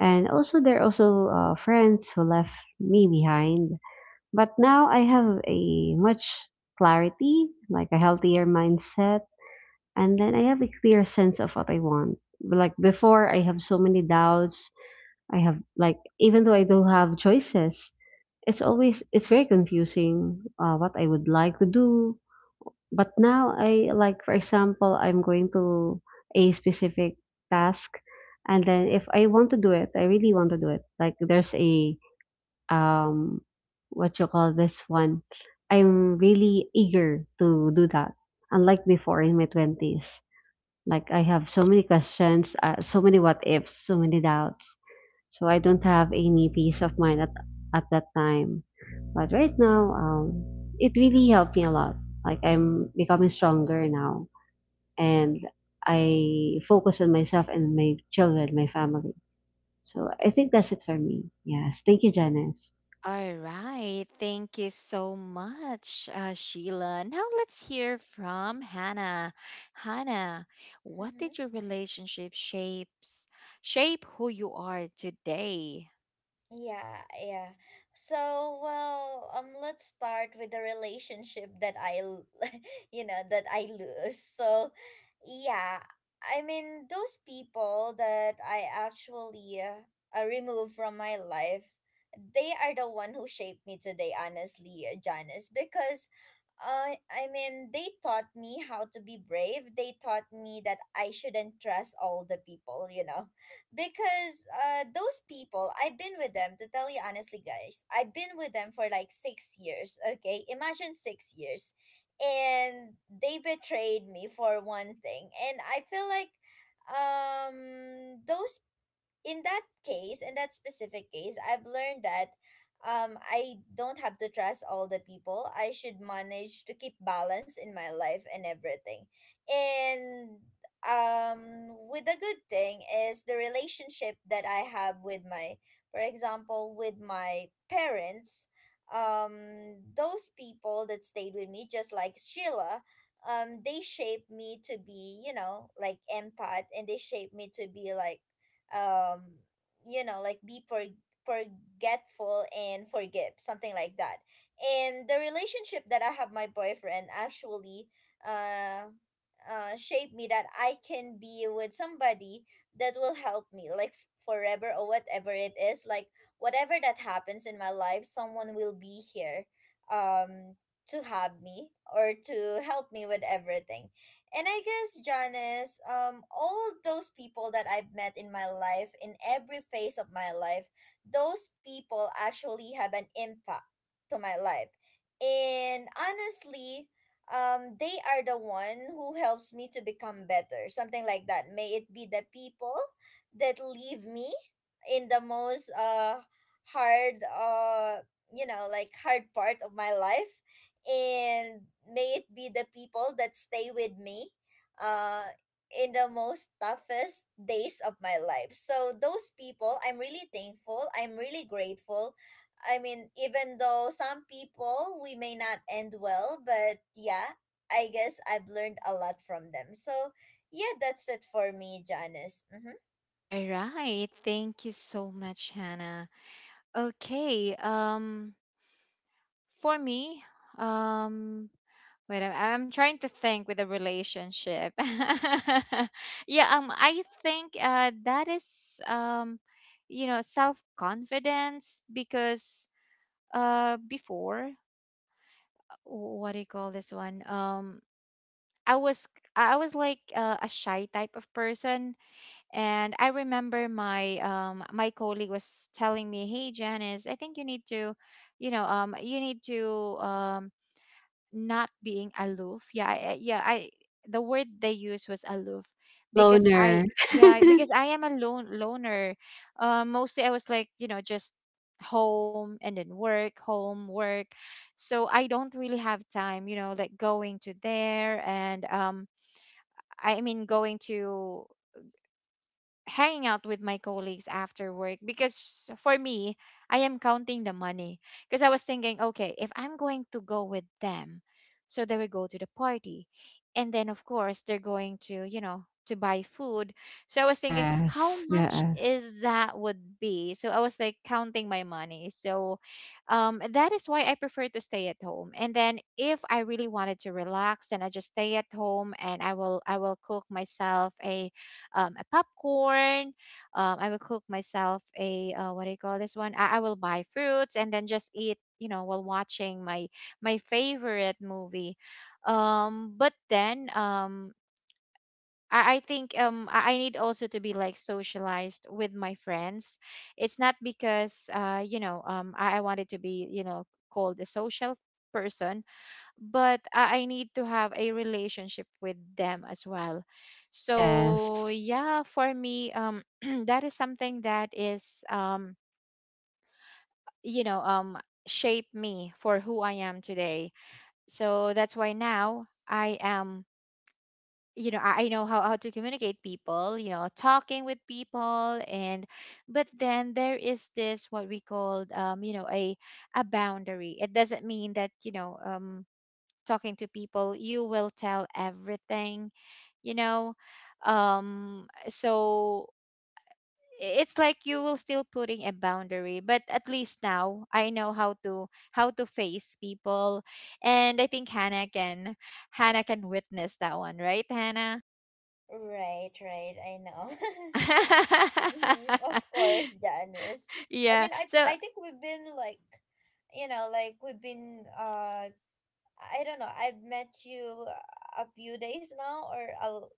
Speaker 3: and also there are also friends who left me behind. But now I have a much clarity, like a healthier mindset, and then I have a clear sense of what I want. Like before, I have so many doubts. I have like, even though I do have choices, it's very confusing what I would like to do. But now I like, for example, I'm going to a specific task, and then if I want to do it, I really want to do it. Like, there's a um what you call this one. I'm really eager to do that. Unlike before in my 20s. Like, I have so many questions, so many what ifs, so many doubts. So I don't have any peace of mind at that time. But right now, it really helped me a lot. Like, I'm becoming stronger now, and I focus on myself and my children, my family. So I think that's it for me. Yes. Thank you, Janice.
Speaker 1: All right. Thank you so much, Sheila. Now let's hear from Hannah. Hannah, what
Speaker 2: Mhm.
Speaker 1: did your relationship shapes shape who you are today?
Speaker 2: Yeah, yeah. So, well, let's start with the relationship that you know, that I lose. So, yeah, I mean, those people that I actually remove from my life, they are the one who shaped me today, honestly, Janice, because, I mean, they taught me how to be brave. They taught me that I shouldn't trust all the people, you know, because those people, I've been with them, to tell you honestly, guys, I've been with them for like 6 years, okay? Imagine 6 years, and they betrayed me for one thing, and I feel like those in that case, in that specific case, I've learned that I don't have to trust all the people. I should manage to keep balance in my life and everything. And with the good thing is the relationship that I have with my, for example, with my parents, those people that stayed with me, just like Sheila, they shaped me to be, you know, like empath, and they shaped me to be like, um you know, like be forgetful and forgive, something like that. And the relationship that I have my boyfriend actually, uh shaped me that I can be with somebody that will help me like forever or whatever it is, like whatever that happens in my life, someone will be here um to have me or to help me with everything. And I guess, Janice, all those people that I've met in my life, in every phase of my life, those people actually have an impact to my life. And honestly, they are the one who helps me to become better, something like that. May it be the people that leave me in the most hard, you know, like hard part of my life, and may it be the people that stay with me uh in the most toughest days of my life. So those people, I'm really thankful, I'm really grateful. I mean, even though some people we may not end well, but yeah, I guess I've learned a lot from them. So yeah, that's it for me, Janice. Mm-hmm.
Speaker 1: All right. Thank you so much, Hannah. Okay. For me, um, wait, I'm trying to think with a relationship. Yeah. I think that is, you know, self confidence. Because before, what do you call this one? I was, like, a shy type of person. And I remember my my colleague was telling me, "Hey Janice, I think you need to, you know, you need to um not being aloof." Yeah, I, the word they used was aloof, because I,
Speaker 3: Loner.
Speaker 1: yeah, because I am a lone loner. Mostly I was like, you know, just home and then work, home, work. So I don't really have time, you know, like going to there. And I mean, going to, hanging out with my colleagues after work, because for me, I am counting the money. Because I was thinking, okay, if I'm going to go with them, so they will go to the party, and then of course, they're going to, you know, to buy food, so I was thinking, how
Speaker 3: Yes.
Speaker 1: much
Speaker 3: Yes.
Speaker 1: is that would be? So I was like counting my money. So that is why I prefer to stay at home. And then if I really wanted to relax, then I just stay at home, and I will cook myself a, a popcorn. I will cook myself a, what do you call this one? I will buy fruits and then just eat, you know, while watching my favorite movie. But then I think, I need also to be like socialized with my friends. It's not because, you know, I wanted to be, you know, called a social person, but I need to have a relationship with them as well. So
Speaker 3: Yes.
Speaker 1: yeah, for me, that is something that is, you know, shape me for who I am today. So that's why now I am, you know, I know how to communicate people, you know, talking with people, and, but then there is this, what we called, you know, a boundary. It doesn't mean that, you know, talking to people you will tell everything, you know. So it's like you will still putting a boundary, but at least now I know how to face people. And I think Hannah can, Hannah can witness that one, right, Hannah?
Speaker 2: Right, right, I know. Mhm, of course, Janice. I
Speaker 1: Yeah,
Speaker 2: mean,
Speaker 1: so
Speaker 2: I think we've been like, you know, like we've been I don't know. I've met you a few days now, or,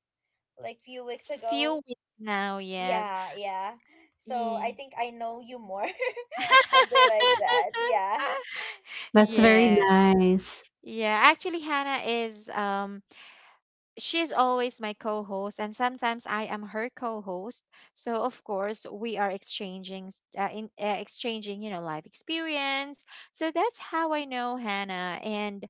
Speaker 2: like, few weeks
Speaker 1: few
Speaker 2: ago.
Speaker 1: weeks now, yes,
Speaker 2: Yeah, yeah. So
Speaker 1: yeah.
Speaker 2: I think I know you more. Something like that. Yeah.
Speaker 3: That's
Speaker 2: Mm-hmm.
Speaker 3: very
Speaker 1: Yeah,
Speaker 3: nice.
Speaker 1: yeah, actually Hannah is, she's always my co-host, and sometimes I am her co-host. So of course, we are exchanging, exchanging, you know, life experience. So that's how I know Hannah. And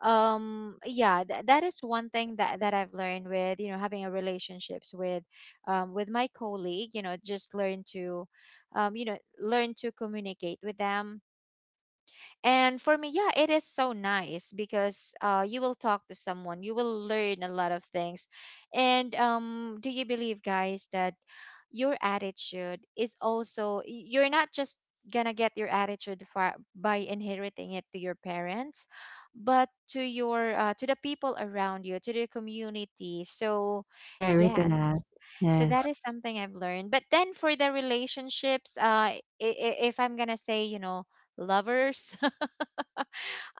Speaker 1: that is one thing that I've learned with, you know, having a relationships with, with my colleague, you know, just learn to, you know, learn to communicate with them. And for me, yeah, it is so nice, because you will talk to someone, you will learn a lot of things. And do you believe, guys, that your attitude is also, you're not just gonna get your attitude for, by inheriting it to your parents, but to your, to the people around you, to the community. So
Speaker 3: Very to
Speaker 1: yes,
Speaker 3: that.
Speaker 1: so
Speaker 3: Yes.
Speaker 1: that is something I've learned. But then for the relationships, if I'm gonna say, you know, lovers.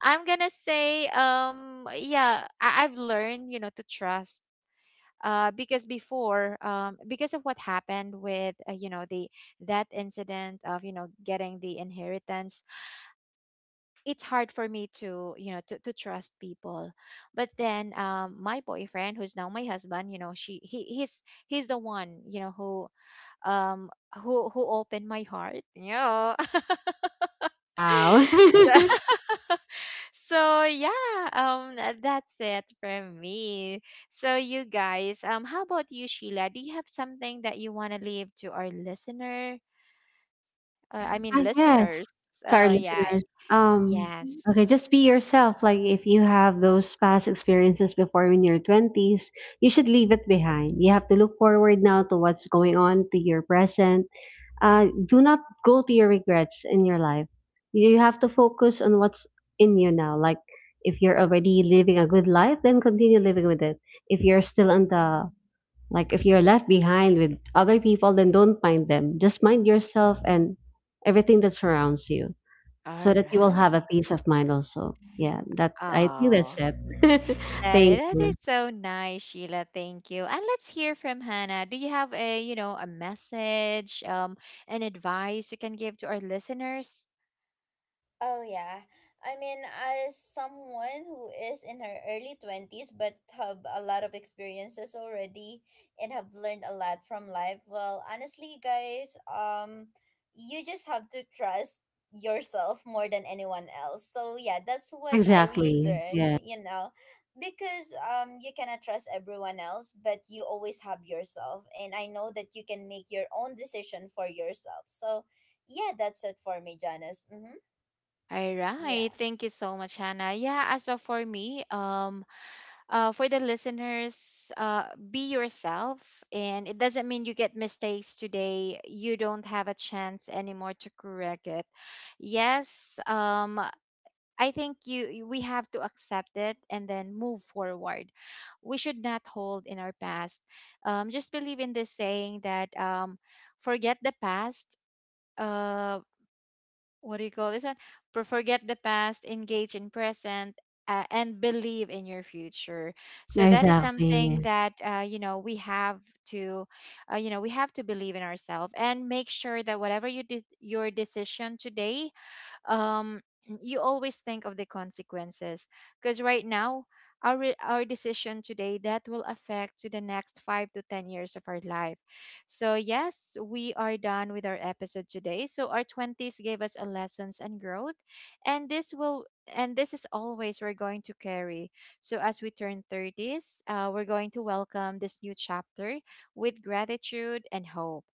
Speaker 1: I'm gonna say, yeah, I've learned, you know, to trust. Because before, because of what happened with, you know, the, that incident of, you know, getting the inheritance, it's hard for me to, you know, to trust people. But then, my boyfriend, who's now my husband, you know, he's the one, you know, um, who opened my heart. Yeah.
Speaker 3: Wow.
Speaker 1: So, so yeah, that's it from me. So, you guys, how about you, Sheila? Do you have something that you want to leave to our listener? I mean,
Speaker 3: I guess
Speaker 1: listeners.
Speaker 3: to our
Speaker 1: Oh yeah.
Speaker 3: listeners, um,
Speaker 1: Yes.
Speaker 3: okay, just be yourself. Like, if you have those past experiences before in your 20s, you should leave it behind. You have to look forward now to what's going on to your present. Do not go to your regrets in your life. You have to focus on what's in you now. Like, if you're already living a good life, then continue living with it. If you're still on the Like, if you're left behind with other people, then don't mind them. Just mind yourself and everything that surrounds you,
Speaker 1: All
Speaker 3: so that you will have a
Speaker 1: right.
Speaker 3: peace of mind also. Yeah, that I think that's
Speaker 1: Oh.
Speaker 3: it. Thank
Speaker 1: That is
Speaker 3: you.
Speaker 1: so nice, Sheila. Thank you. And let's hear from Hannah. Do you have a, you know, a message, an advice you can give to our listeners?
Speaker 2: Oh yeah. I mean, as someone who is in her early 20s but have a lot of experiences already and have learned a lot from life, well, honestly, guys, you just have to trust yourself more than anyone else. So, yeah, that's what I really
Speaker 3: Exactly.
Speaker 2: learned,
Speaker 3: Yeah.
Speaker 2: you know, because you cannot trust everyone else, but you always have yourself, and I know that you can make your own decision for yourself. So, yeah, that's it for me, Janice. Mhm.
Speaker 1: All
Speaker 2: Yeah.
Speaker 1: right. Thank you so much, Hannah. Yeah, as of for me, for the listeners, be yourself. And it doesn't mean you get mistakes today, you don't have a chance anymore to correct it. Yes, I think we have to accept it and then move forward. We should not hold in our past. Just believe in this saying that, forget the past. Uh, what do you call this one? For, forget the past, engage in present, and believe in your future. So that is
Speaker 3: Exactly.
Speaker 1: something that, you know, we have to, you know, we have to believe in ourselves, and make sure that whatever your decision today, um, you always think of the consequences. Because right now, our our decision today, that will affect to the next 5 to 10 years of our life. So yes, we are done with our episode today. So our 20s gave us a lessons and growth, and this will and this is always we're going to carry. So as we turn 30s, we're going to welcome this new chapter with gratitude and hope.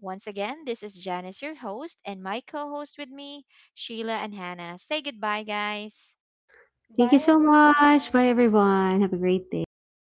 Speaker 1: Once again, this is Janice, your host, and my co host with me, Sheila and Hannah. Say goodbye, guys.
Speaker 3: Thank you
Speaker 2: Bye,
Speaker 3: so much. Bye
Speaker 2: everyone.
Speaker 3: everyone. Have a great day.